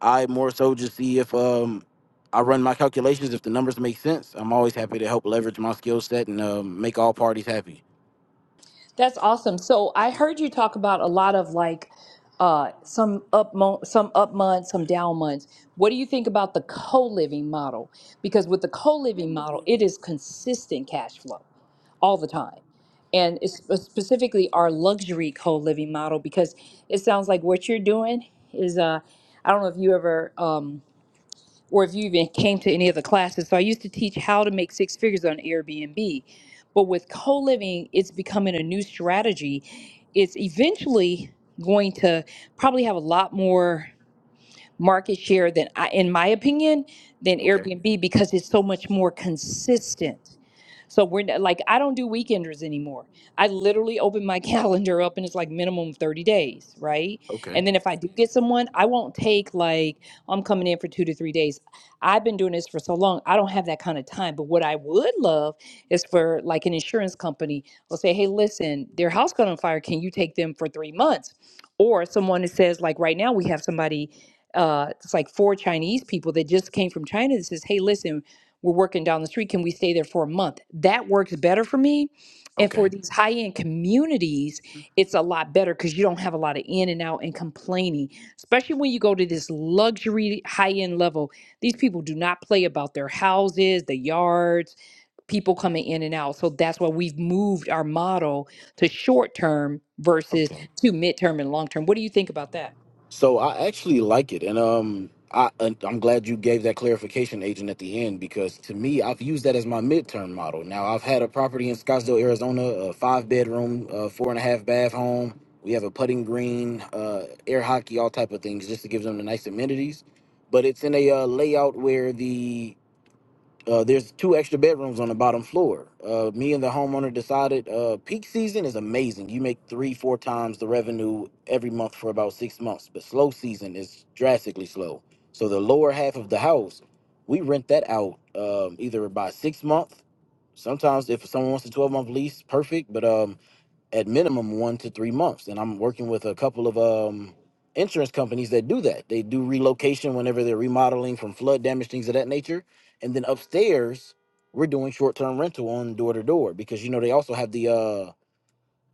Speaker 5: i more so just see if um i run my calculations if the numbers make sense i'm always happy to help leverage my skill set and um, make all parties happy
Speaker 2: That's awesome. So I heard you talk about a lot of like uh some up mo- some up months, some down months. What do you think about the co-living model? Because with the co-living model, it is consistent cash flow all the time. And it's sp- specifically our luxury co-living model because it sounds like what you're doing is uh I don't know if you ever um or if you even came to any of the classes. So I used to teach how to make six figures on Airbnb. But with co living, it's becoming a new strategy. It's eventually going to probably have a lot more market share than I, in my opinion, than
Speaker 5: okay
Speaker 2: Airbnb because it's so much more consistent. So we're not- like, I don't do weekenders anymore. I literally open my [laughs] calendar up and it's like minimum 30 days, right?
Speaker 5: okay
Speaker 2: And then if I do get someone, I won't take like, I'm coming in for two to three days. I've been doing this for so long, I don't have that kind of time. But what I would love is for like an insurance company will say, hey, listen, their house got on fire. Can you take them for three months? Or someone that says, like, right now we have somebody. Uh, it's like four Chinese people that just came from China that says, Hey, listen, we're working down the street. Can we stay there for a month? That works better for me. And
Speaker 5: okay
Speaker 2: for these high end communities, it's a lot better because you don't have a lot of in and out and complaining, especially when you go to this luxury high end level. These people do not play about their houses, the yards, people coming in and out. So that's why we've moved our model to short term versus
Speaker 5: okay
Speaker 2: to midterm and long term. What do you think about that?
Speaker 5: So I actually like it, and um, I and I'm glad you gave that clarification, agent, at the end because to me, I've used that as my midterm model. Now I've had a property in Scottsdale, Arizona, a five bedroom, uh, four and a half bath home. We have a putting green, uh, air hockey, all type of things, just to give them the nice amenities. But it's in a uh, layout where the uh, there's two extra bedrooms on the bottom floor. Uh, me and the homeowner decided uh, peak season is amazing. You make three, four times the revenue every month for about six months, but slow season is drastically slow. So the lower half of the house, we rent that out um, either by six month, sometimes if someone wants a 12 month lease, perfect. But um, at minimum one to three months. And I'm working with a couple of um, insurance companies that do that. They do relocation whenever they're remodeling from flood damage, things of that nature. And then upstairs, we're doing short term rental on door to door because you know they also have the uh,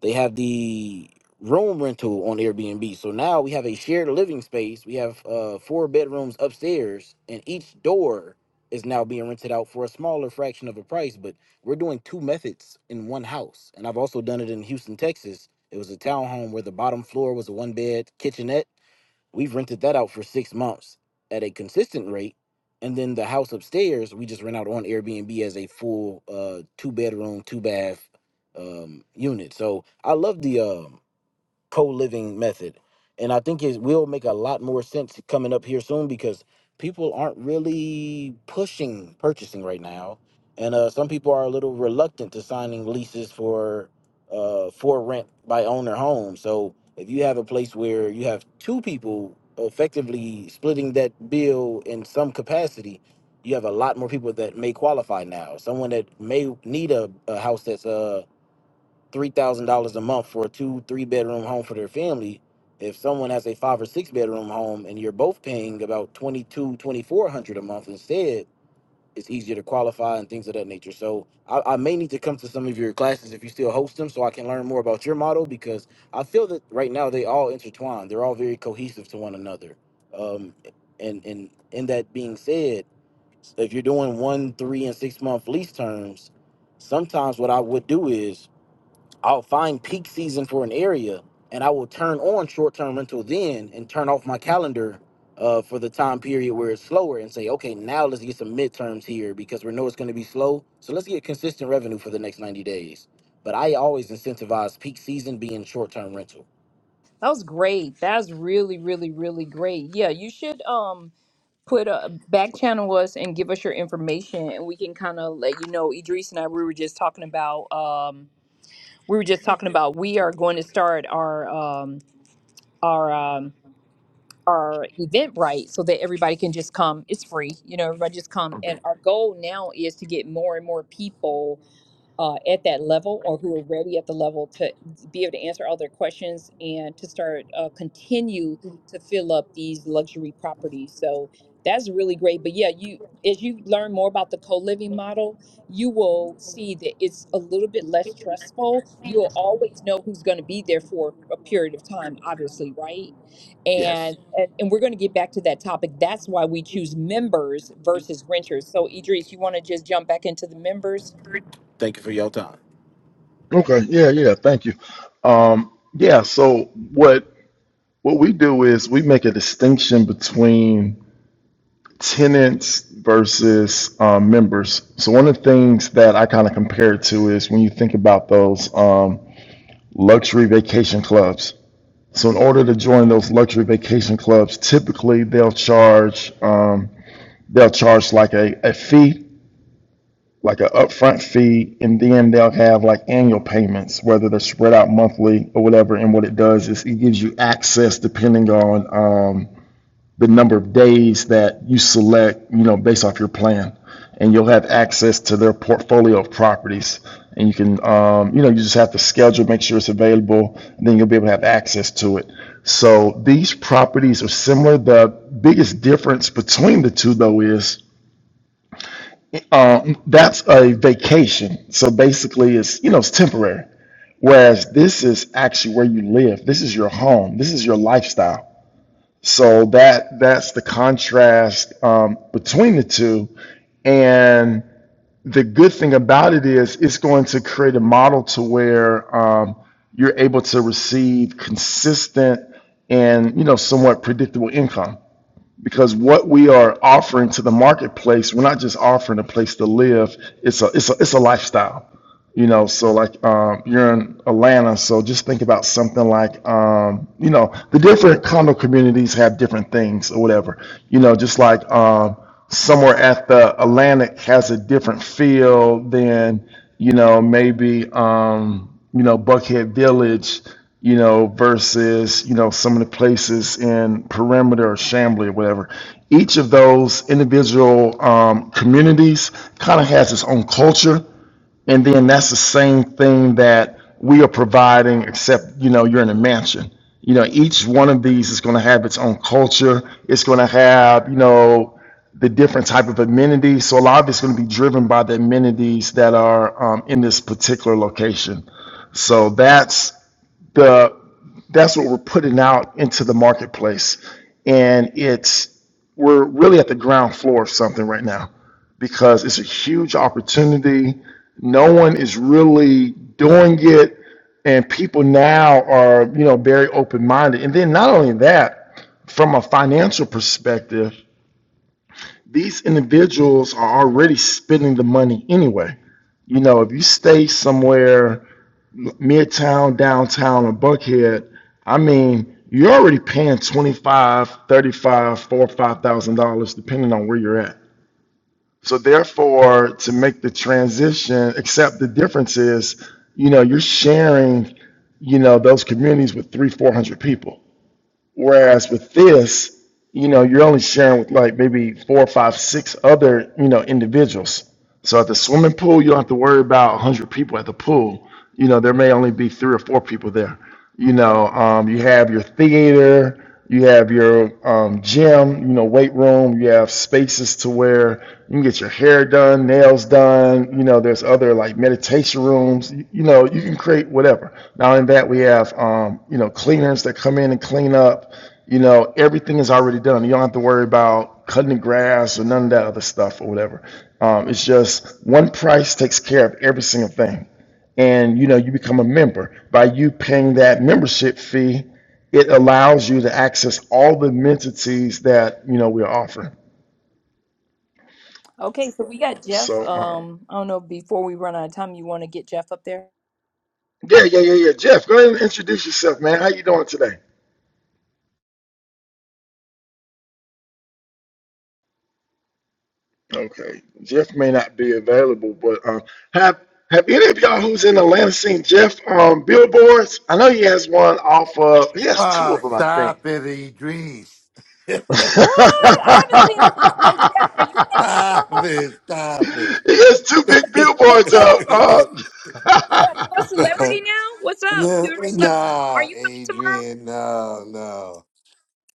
Speaker 5: they have the room rental on Airbnb. So now we have a shared living space. We have uh, four bedrooms upstairs, and each door is now being rented out for a smaller fraction of a price. But we're doing two methods in one house. And I've also done it in Houston, Texas. It was a townhome where the bottom floor was a one bed kitchenette We've rented that out for six months at a consistent rate. And then the house upstairs, we just rent out on Airbnb as a full uh two bedroom, two bath um unit. So I love the um co-living method and i think it will make a lot more sense coming up here soon because people aren't really pushing purchasing right now and uh, some people are a little reluctant to signing leases for uh, for rent by owner homes. so if you have a place where you have two people effectively splitting that bill in some capacity you have a lot more people that may qualify now someone that may need a, a house that's uh three thousand dollars a month for a two, three bedroom home for their family. If someone has a five or six bedroom home and you're both paying about twenty two, twenty four hundred a month instead, it's easier to qualify and things of that nature. So I, I may need to come to some of your classes if you still host them, so I can learn more about your model because I feel that right now they all intertwine. They're all very cohesive to one another. Um, and and and that being said, if you're doing one, three, and six month lease terms, sometimes what I would do is I'll find peak season for an area and I will turn on short term rental then and turn off my calendar uh, for the time period where it's slower and say, okay, now let's get some midterms here because we know it's going to be slow. So let's get consistent revenue for the next 90 days. But I always incentivize peak season being short term rental.
Speaker 2: That was great. That's really, really, really great. Yeah, you should um put a back channel us and give us your information and we can kind of let you know. Idris and I we were just talking about um we were just talking about we are going to start our um our um our event right so that everybody can just come. It's free. You know, everybody just come
Speaker 5: Okay.
Speaker 2: and our goal now is to get more and more people uh, at that level or who are ready at the level to be able to answer all their questions and to start uh, continue to fill up these luxury properties. So that's really great. But yeah, you as you learn more about the co-living model, you will see that it's a little bit less stressful. You'll always know who's going to be there for a period of time, obviously, right?
Speaker 5: Yeah.
Speaker 2: And and, and we're going to get back to that topic. That's why we choose members versus renters. So Idris, you want to just jump back into the members?
Speaker 5: Thank you for your time.
Speaker 1: Okay. Yeah, yeah. Thank you. Um, yeah, so what what we do is we make a distinction between tenants versus um, members. So one of the things that I kind of compare it to is when you think about those um, luxury vacation clubs. So in order to join those luxury vacation clubs, typically they'll charge um, they'll charge like a, a fee like an upfront fee, and then they'll have like annual payments, whether they're spread out monthly or whatever. And what it does is it gives you access depending on um, the number of days that you select, you know, based off your plan. And you'll have access to their portfolio of properties. And you can, um, you know, you just have to schedule, make sure it's available, and then you'll be able to have access to it. So these properties are similar. The biggest difference between the two, though, is um, that's a vacation. So basically, it's you know it's temporary. Whereas this is actually where you live. This is your home. This is your lifestyle. So that that's the contrast um, between the two. And the good thing about it is it's going to create a model to where um, you're able to receive consistent and you know somewhat predictable income because what we are offering to the marketplace, we're not just offering a place to live. It's a it's a it's a lifestyle you know so like um, you're in atlanta so just think about something like um, you know the different condo communities have different things or whatever you know just like um, somewhere at the atlantic has a different feel than you know maybe um, you know buckhead village you know versus you know some of the places in perimeter or Chamblee or whatever each of those individual um, communities kind of has its own culture and then that's the same thing that we are providing, except, you know, you're in a mansion. You know, each one of these is going to have its own culture. It's going to have, you know, the different type of amenities. So a lot of it's going to be driven by the amenities that are um, in this particular location. So that's the that's what we're putting out into the marketplace. And it's we're really at the ground floor of something right now because it's a huge opportunity. No one is really doing it, and people now are, you know, very open-minded. And then not only that, from a financial perspective, these individuals are already spending the money anyway. You know, if you stay somewhere midtown, downtown, or Buckhead, I mean, you're already paying 25, 35, four, five thousand dollars, depending on where you're at. So therefore, to make the transition, except the difference is, you know, you're sharing, you know, those communities with three, four hundred people. Whereas with this, you know, you're only sharing with like maybe four or five, six other, you know, individuals. So at the swimming pool, you don't have to worry about 100 people at the pool. You know, there may only be three or four people there. You know, um, you have your theater, you have your um, gym, you know, weight room. You have spaces to where you can get your hair done, nails done. You know, there's other like meditation rooms. You, you know, you can create whatever. Now, in that, we have, um, you know, cleaners that come in and clean up. You know, everything is already done. You don't have to worry about cutting the grass or none of that other stuff or whatever. Um, it's just one price takes care of every single thing and you know you become a member by you paying that membership fee it allows you to access all the amenities that you know we're offering
Speaker 2: Okay, so we got Jeff.
Speaker 1: so um,
Speaker 2: Um, I don't know. Before we run out of time, you want to get Jeff up there?
Speaker 1: yeah yeah yeah yeah jeff go ahead and introduce yourself man how you doing today okay jeff may not be available but um, have have any of y'all who's in atlanta seen jeff on billboards i know he has one off of he has two of
Speaker 7: Oh,
Speaker 1: them i think
Speaker 7: stop it, Idris. [laughs]
Speaker 2: What? I haven't seen this. Hey, Jeff, are you coming
Speaker 7: Stop
Speaker 1: [laughs]
Speaker 2: tomorrow?
Speaker 7: it, stop it.
Speaker 1: He has two big
Speaker 2: Hey,
Speaker 1: billboards out.
Speaker 2: Jeff.
Speaker 7: [laughs]
Speaker 2: Jeff, you're a
Speaker 1: Uh,
Speaker 2: celebrity now. What's up?
Speaker 7: no,
Speaker 2: You're a celeb- Are
Speaker 7: no,
Speaker 2: you coming tomorrow?
Speaker 7: Adrian, no, no.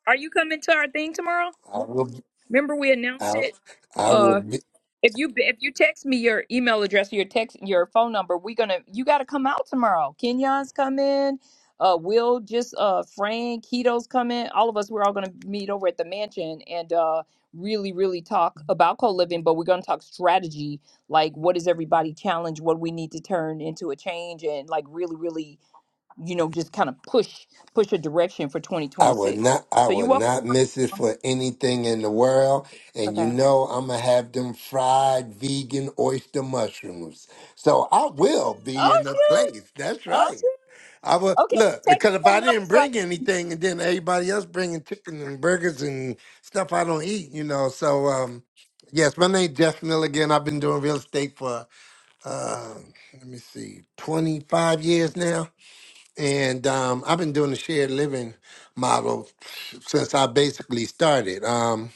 Speaker 2: Are you coming to our thing tomorrow?
Speaker 7: I will,
Speaker 2: Remember we announced
Speaker 7: I,
Speaker 2: it.
Speaker 7: I will
Speaker 2: uh,
Speaker 7: be.
Speaker 2: If you if you text me your email address, your text, your phone number, we're gonna you gotta come out tomorrow. Kenyon's coming. Uh, Will just uh Frank Keto's coming. All of us we're all gonna meet over at the mansion and uh really really talk about co living, but we're gonna talk strategy. Like what is everybody challenge? What we need to turn into a change and like really really you know just kind of push push a direction for
Speaker 7: I would
Speaker 2: 2026.
Speaker 7: not I
Speaker 2: So you're
Speaker 7: would
Speaker 2: welcome.
Speaker 7: not miss it for anything in the world. And you
Speaker 2: Okay.
Speaker 7: know I'm gonna have them fried vegan oyster mushrooms. So I will be
Speaker 2: Oh
Speaker 7: in the
Speaker 2: shoot!
Speaker 7: place. That's
Speaker 2: Oh
Speaker 7: right.
Speaker 2: shoot!
Speaker 7: I would
Speaker 2: Okay, well
Speaker 7: look
Speaker 2: text
Speaker 7: because
Speaker 2: me
Speaker 7: if
Speaker 2: your
Speaker 7: I
Speaker 2: number
Speaker 7: didn't
Speaker 2: so I
Speaker 7: bring anything, and then everybody else bringing chicken and burgers and stuff I don't eat, you know. So, um, yes, my name Jeff Miller again. I've been doing real estate for uh, let me see, twenty five years now, and um, I've been doing the shared living model since I basically started. Um,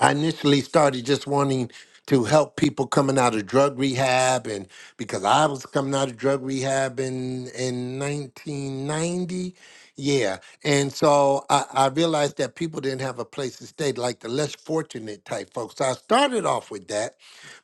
Speaker 7: I initially started just wanting to help people coming out of drug rehab, and because I was coming out of drug rehab in in 1990, yeah, and so I, I realized that people didn't have a place to stay, like the less fortunate type folks. So I started off with that,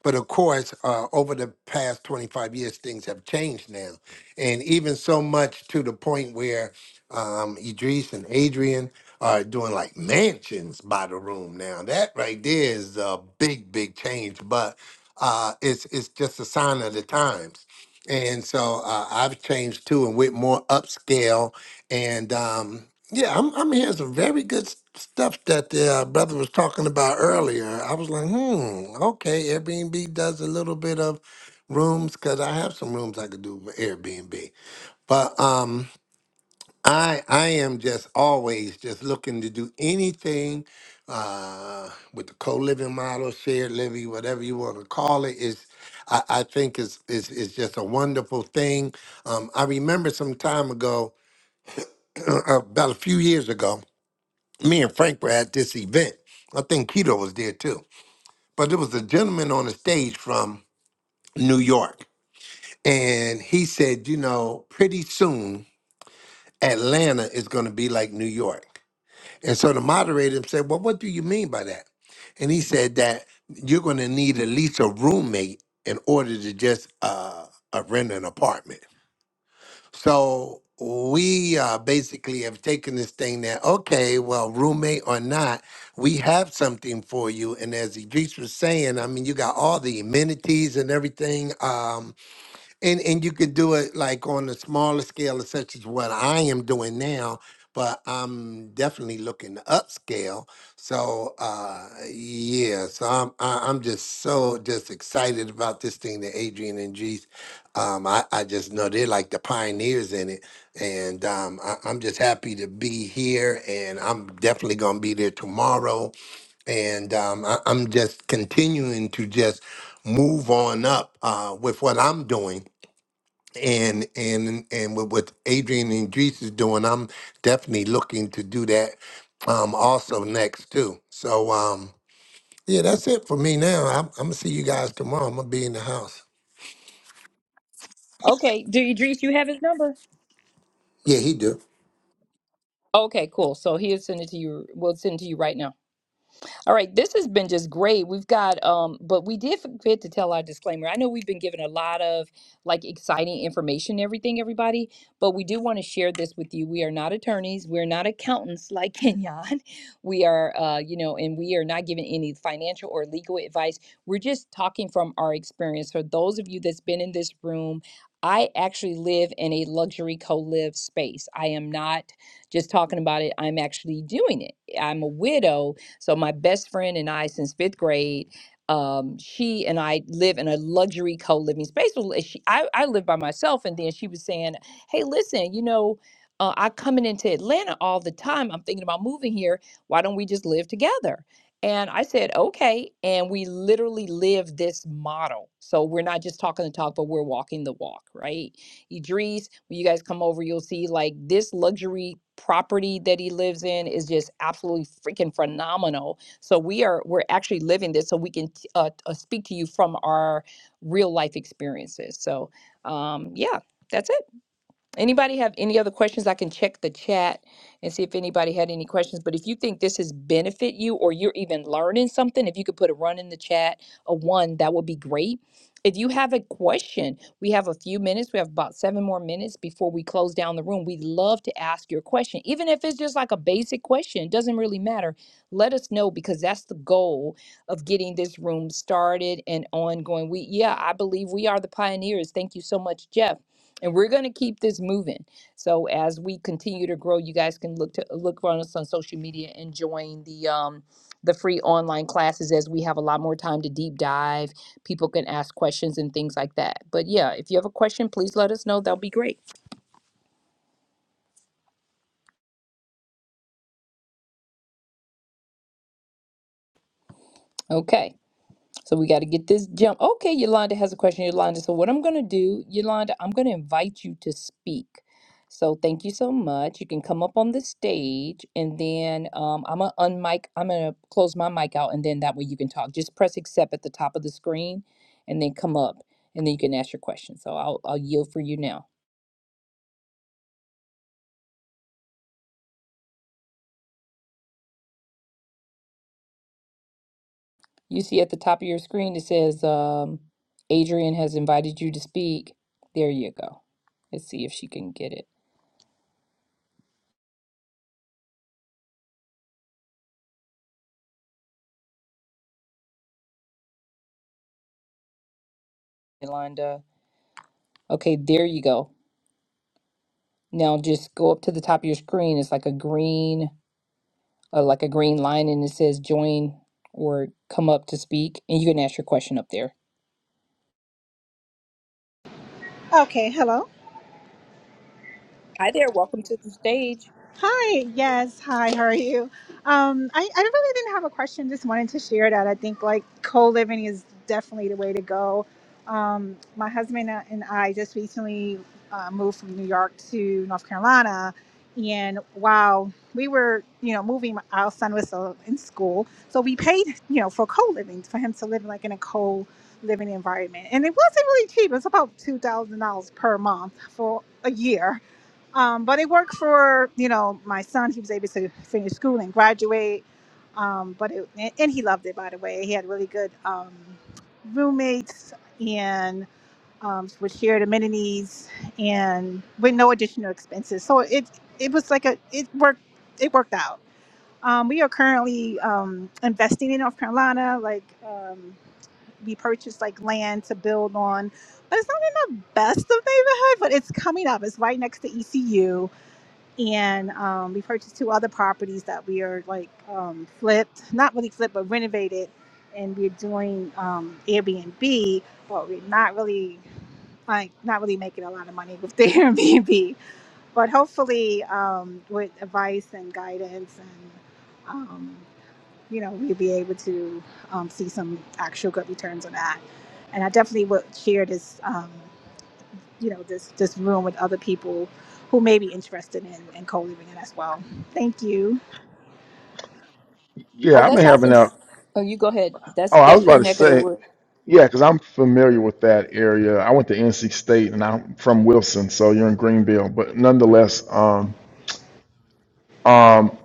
Speaker 7: but of course, uh, over the past 25 years, things have changed now, and even so much to the point where um, Idris and Adrian are doing like mansions by the room now. That right there is a big, big change, but uh, it's it's just a sign of the times. And so uh, I've changed too, and went more upscale. And um, yeah, I'm I'm hearing some very good s- stuff that the uh, brother was talking about earlier. I was like, hmm, okay, Airbnb does a little bit of rooms because I have some rooms I could do with Airbnb, but um. I I am just always just looking to do anything uh, with the co-living model, shared living, whatever you want to call it. Is I, I think is is is just a wonderful thing. Um, I remember some time ago, [clears throat] about a few years ago, me and Frank were at this event. I think Keto was there too, but there was a gentleman on the stage from New York, and he said, you know, pretty soon Atlanta is going to be like New York. And so the moderator said, Well, what do you mean by that? And he said that you're going to need at least a roommate in order to just uh, uh, rent an apartment. So we uh, basically have taken this thing that, okay, well, roommate or not, we have something for you. And as Idris was saying, I mean, you got all the amenities and everything. Um, and and you could do it like on a smaller scale, such as what I am doing now. But I'm definitely looking to upscale. So uh, yeah, so I'm I- I'm just so just excited about this thing that Adrian and Jeez. Um, I I just know they're like the pioneers in it, and um, I, I'm just happy to be here. And I'm definitely gonna be there tomorrow. And um, I, I'm just continuing to just move on up uh, with what I'm doing and and and with what Adrian and Idris is doing, I'm definitely looking to do that um also next too. So um yeah, that's it for me now. I'm, I'm gonna see you guys tomorrow. I'm gonna be in the house.
Speaker 2: Okay. Do you, Idris, you have his number?
Speaker 7: Yeah, he do.
Speaker 2: Okay, cool. So he'll send it to you. We'll send it to you right now. All right, this has been just great. We've got, um, but we did forget to tell our disclaimer. I know we've been given a lot of like exciting information, and everything, everybody, but we do want to share this with you. We are not attorneys, we're not accountants like [laughs] Kenyon. We are, uh, you know, and we are not giving any financial or legal advice. We're just talking from our experience. For those of you that's been in this room, I actually live in a luxury co live space. I am not just talking about it, I'm actually doing it. I'm a widow so my best friend and I, since fifth grade, um, she and I live in a luxury co-living space. Well, She, I, I live by myself, and then she was saying, "Hey, listen, you know." Uh, I coming into Atlanta all the time. I'm thinking about moving here. Why don't we just live together? And I said, okay. And we literally live this model. So we're not just talking the talk, but we're walking the walk, right? Idris, when you guys come over, you'll see like this luxury property that he lives in is just absolutely freaking phenomenal. So we are we're actually living this, so we can t- uh, uh, speak to you from our real life experiences. So um, yeah, that's it. Anybody have any other questions? I can check the chat and see if anybody had any questions. But if you think this has benefit you or you're even learning something, if you could put a run in the chat, a one, that would be great. If you have a question, we have a few minutes. We have about seven more minutes before we close down the room. We'd love to ask your question, even if it's just like a basic question. It doesn't really matter. Let us know because that's the goal of getting this room started and ongoing. We, yeah, I believe we are the pioneers. Thank you so much, Jeff and we're going to keep this moving so as we continue to grow you guys can look to look for us on social media and join the um the free online classes as we have a lot more time to deep dive people can ask questions and things like that but yeah if you have a question please let us know that'll be great okay So we got to get this jump. Okay, Yolanda has a question. Yolanda, so what I'm going to do, Yolanda, I'm going to invite you to speak. So thank you so much. You can come up on the stage, and then um, I'm gonna unmic. I'm gonna close my mic out, and then that way you can talk. Just press accept at the top of the screen, and then come up, and then you can ask your question. So I'll I'll yield for you now. You see at the top of your screen it says um, Adrian has invited you to speak. There you go. Let's see if she can get it, Yolanda. Okay, there you go. Now just go up to the top of your screen. It's like a green, uh, like a green line, and it says join or come up to speak, and you can ask your question up there.
Speaker 8: Okay, hello.
Speaker 2: Hi there, welcome to the stage.
Speaker 8: Hi, yes, hi, how are you? Um, I, I really didn't have a question, just wanted to share that I think like co living is definitely the way to go. Um, my husband and I just recently uh, moved from New York to North Carolina. And while we were, you know, moving, our son was still in school. So we paid, you know, for co living, for him to live like in a co living environment. And it wasn't really cheap, it was about $2,000 per month for a year Um, but it worked for you know my son. He was able to finish school and graduate. Um, but it, and and he loved it. By the way, he had really good um, roommates and um, with shared amenities and with no additional expenses. So it it was like a it worked it worked out. Um, we are currently um, investing in North Carolina. Like um, we purchased like land to build on. But it's not in the best of neighborhood, but it's coming up. It's right next to ECU and um, we purchased two other properties that we are like um, flipped, not really flipped, but renovated, and we're doing um, Airbnb, but we're not really like not really making a lot of money with the [laughs] Airbnb. But hopefully, um, with advice and guidance, and um, you know, we'll be able to um, see some actual good returns on that. And I definitely would share this. Um, you know this this room with other people who may be interested in, in co-living it as well thank you
Speaker 1: [laughs]
Speaker 2: Oh,
Speaker 1: yeah, I'm
Speaker 2: that's
Speaker 1: having
Speaker 2: awesome.
Speaker 1: a.
Speaker 2: Oh, you go ahead. That's
Speaker 1: Oh, I was
Speaker 2: that's your
Speaker 1: about to
Speaker 2: neck of the
Speaker 1: say,
Speaker 2: woods.
Speaker 1: yeah, because I'm familiar with that area. I went to NC State, and I'm from Wilson, so you're in Greenville. But nonetheless, um, um,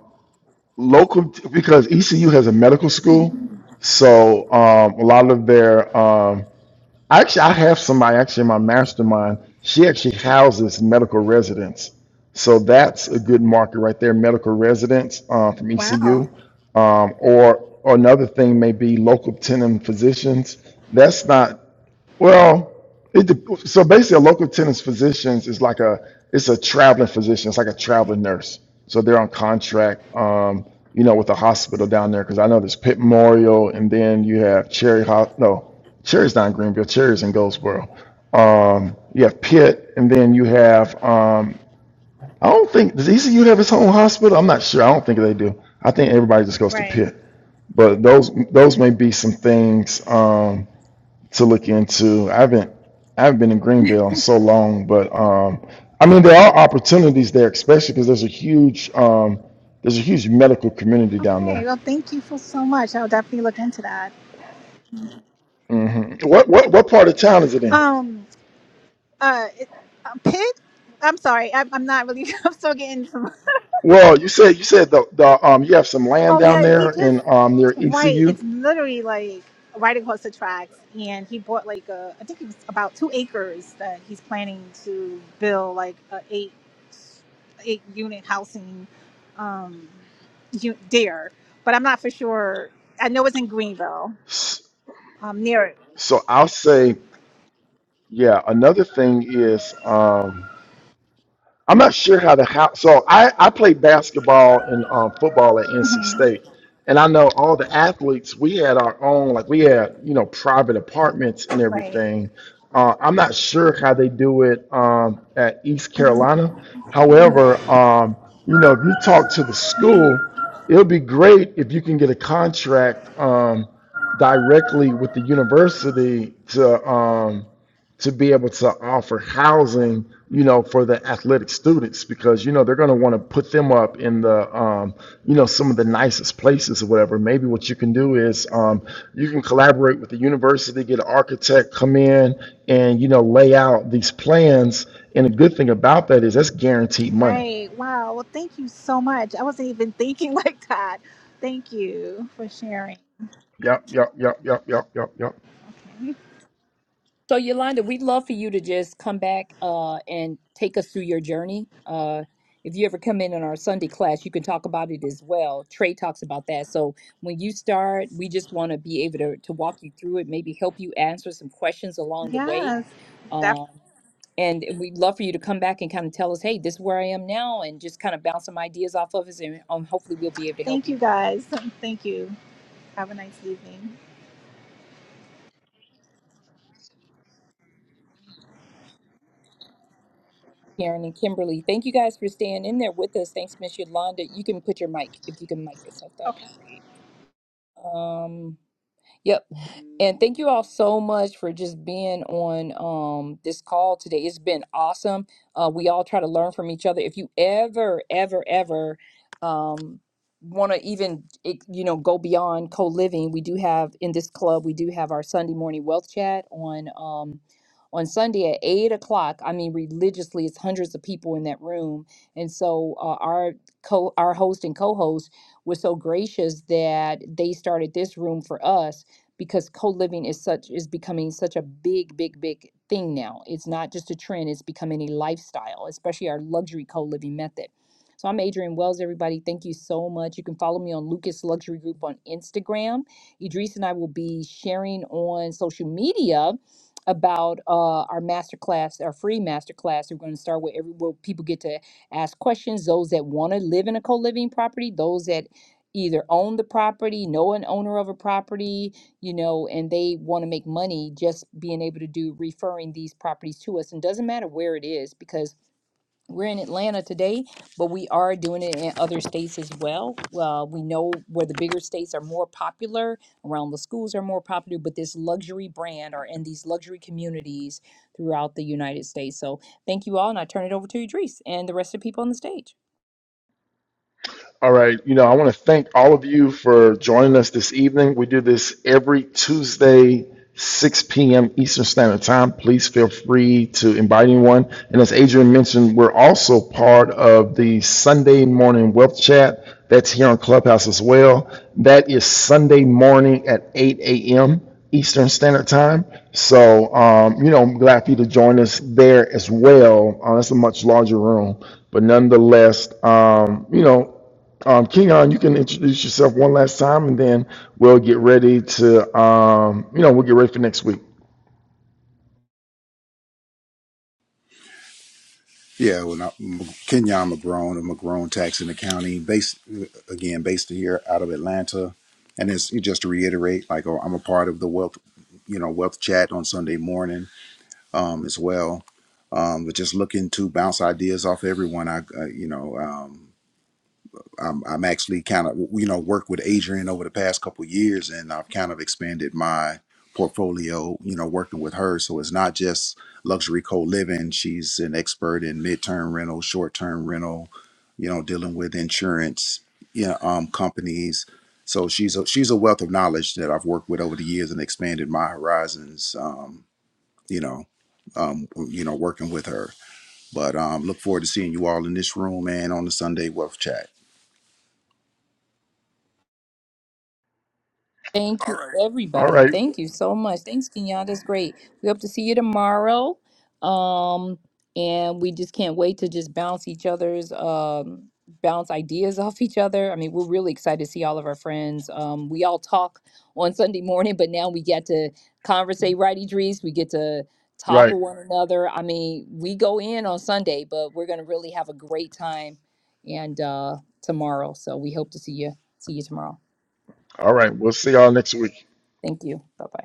Speaker 1: local because ECU has a medical school, so um, a lot of their um, Actually, I have somebody actually in my mastermind. She actually houses medical residents, so that's a good market right there. Medical residents uh, from
Speaker 8: wow
Speaker 1: ECU, um, or, or another thing may be local tenant physicians. That's not well, it, dep- so basically, a local tenants physicians is like a it's a traveling physician. It's like a traveling nurse. So they're on contract, um, you know, with the hospital down there because I know there's Pitt Memorial, and then you have Cherry. Ho- no, Cherry's not in Greenville. Cherry's in Goldsboro. Um, you have Pitt, and then you have um, I don't think does ECU have its own hospital? I'm not sure. I don't think they do. I think everybody just goes to
Speaker 8: right
Speaker 1: Pitt. But those those may be some things. Um, to look into. I haven't I haven't been in Greenville in so long, but um, I mean there are opportunities there, especially because there's a huge um, there's a huge medical community down
Speaker 8: okay
Speaker 1: there.
Speaker 8: well thank you for so much i'll definitely look into that
Speaker 1: hmm What what what part of town is it in?
Speaker 8: um uh it, uh, pit i'm sorry I'm, I'm not really [laughs] i'm still getting some
Speaker 1: Well, you said you said the, the um you have some land
Speaker 8: oh
Speaker 1: down
Speaker 8: yeah he
Speaker 1: there
Speaker 8: just
Speaker 1: in um near
Speaker 8: Right.
Speaker 1: ECU.
Speaker 8: It's literally like right across the tracks. And he bought like a, I think it was about two acres that he's planning to build like a eight, eight unit housing, um, u- there. But I'm not for sure. I know it's in Greenville, um, near it.
Speaker 1: So I'll say yeah. Another thing is um I'm not sure how the house. So I, I played basketball and um, football at NC
Speaker 8: Mhm.
Speaker 1: State, and I know all the athletes. We had our own, like we had you know private apartments and
Speaker 8: Right.
Speaker 1: everything. Uh, I'm not sure how they do it um, at East Carolina. However, um, you know, if you talk to the school, it'll be great if you can get a contract um, directly with the university to. Um, to be able to offer housing, you know, for the athletic students because you know they're going to want to put them up in the, um, you know, some of the nicest places or whatever. Maybe what you can do is um, you can collaborate with the university, get an architect come in and you know lay out these plans. And the good thing about that is that's guaranteed money.
Speaker 8: Right. Wow. Well, thank you so much. I wasn't even thinking [laughs] like that. Thank you for sharing.
Speaker 1: Yep, yep, yep, yep, yep, yep, yep.
Speaker 8: Okay.
Speaker 2: So Yolanda, we'd love for you to just come back uh, and take us through your journey. Uh, if you ever come in in our Sunday class, you can talk about it as well. Trey talks about that. So when you start, we just want to be able to, to walk you through it, maybe help you answer some questions along the way.
Speaker 8: Yes. Definitely.
Speaker 2: Um, and we'd love for you to come back and kind of tell us, hey, this is where I am now, and just kind of bounce some ideas off of us, and um, hopefully we'll be able to help
Speaker 8: Thank
Speaker 2: you.
Speaker 8: you guys. [laughs] Thank you. Have a nice evening.
Speaker 2: Karen and Kimberly. Thank you guys for staying in there with us. Thanks, Miss Yolanda. You can put your mic if you can mic yourself. That would
Speaker 8: Okay.
Speaker 2: be great. Um, yep. And thank you all so much for just being on um, this call today. It's been awesome. Uh, we all try to learn from each other. If you ever, ever, ever um, want to even, it, you know, go beyond co-living, we do have in this club, we do have our Sunday morning wealth chat on um, on Sunday at eight o'clock. I mean, religiously, it's hundreds of people in that room. And so uh, our co our host and co-host was so gracious that they started this room for us because co-living is such is becoming such a big big big thing now it's not just a trend it's becoming a lifestyle especially our luxury co-living method so i'm Adrienne wells everybody thank you so much you can follow me on lucas luxury group on instagram idris and i will be sharing on social media about uh, our masterclass, our free masterclass. We're going to start with every where people get to ask questions. Those that want to live in a co-living property, those that either own the property, know an owner of a property, you know, and they want to make money just being able to do referring these properties to us. And doesn't matter where it is because we're in Atlanta today, but we are doing it in other states as well. Well, we know where the bigger states are more popular, around the schools are more popular, but this luxury brand are in these luxury communities throughout the United States. So thank you all, and I turn it over to Idris and the rest of the people on the stage.
Speaker 1: All right. You know, I want to thank all of you for joining us this evening. We do this every Tuesday, 6 p.m. Eastern Standard Time. Please feel free to invite anyone. And as Adrian mentioned, we're also part of the Sunday morning wealth chat that's here on Clubhouse as well. That is Sunday morning at 8 a.m. Eastern Standard Time. So, um, you know, I'm glad for you to join us there as well. Uh, that's a much larger room, but nonetheless, um, you know, um, Keon, you can introduce yourself one last time, and then we'll get ready to, um, you know, we'll get ready for next week.
Speaker 6: Yeah, well, I, Kenya, I'm a grown, I'm a grown tax in the county, based uh, again, based here out of Atlanta, and it's just to reiterate, like oh, I'm a part of the wealth, you know, wealth chat on Sunday morning um, as well, um, but just looking to bounce ideas off everyone. I, uh, you know, um, I'm, I'm actually kind of you know worked with Adrian over the past couple of years, and I've kind of expanded my portfolio. You know, working with her, so it's not just luxury co-living. She's an expert in mid-term rental, short-term rental. You know, dealing with insurance, you know, um, companies. So she's a she's a wealth of knowledge that I've worked with over the years and expanded my horizons. Um, you know, um, you know, working with her. But um, look forward to seeing you all in this room and on the Sunday Wealth Chat.
Speaker 2: Thank you,
Speaker 1: All
Speaker 2: everybody.
Speaker 1: right,
Speaker 2: Thank you so much. Thanks, Kenyatta. That's great. We hope to see you tomorrow. Um, and we just can't wait to just bounce each other's um bounce ideas [laughs] off each other. I mean, we're really excited to see all of our friends. Um, we all talk on Sunday morning, but now we get to conversate, right, Idris? We get to talk
Speaker 1: right,
Speaker 2: with one another. I mean, we go in on Sunday, but we're gonna really have a great time and uh tomorrow. So we hope to see you see you tomorrow.
Speaker 1: all right. We'll see y'all next week.
Speaker 2: Thank you. Bye bye.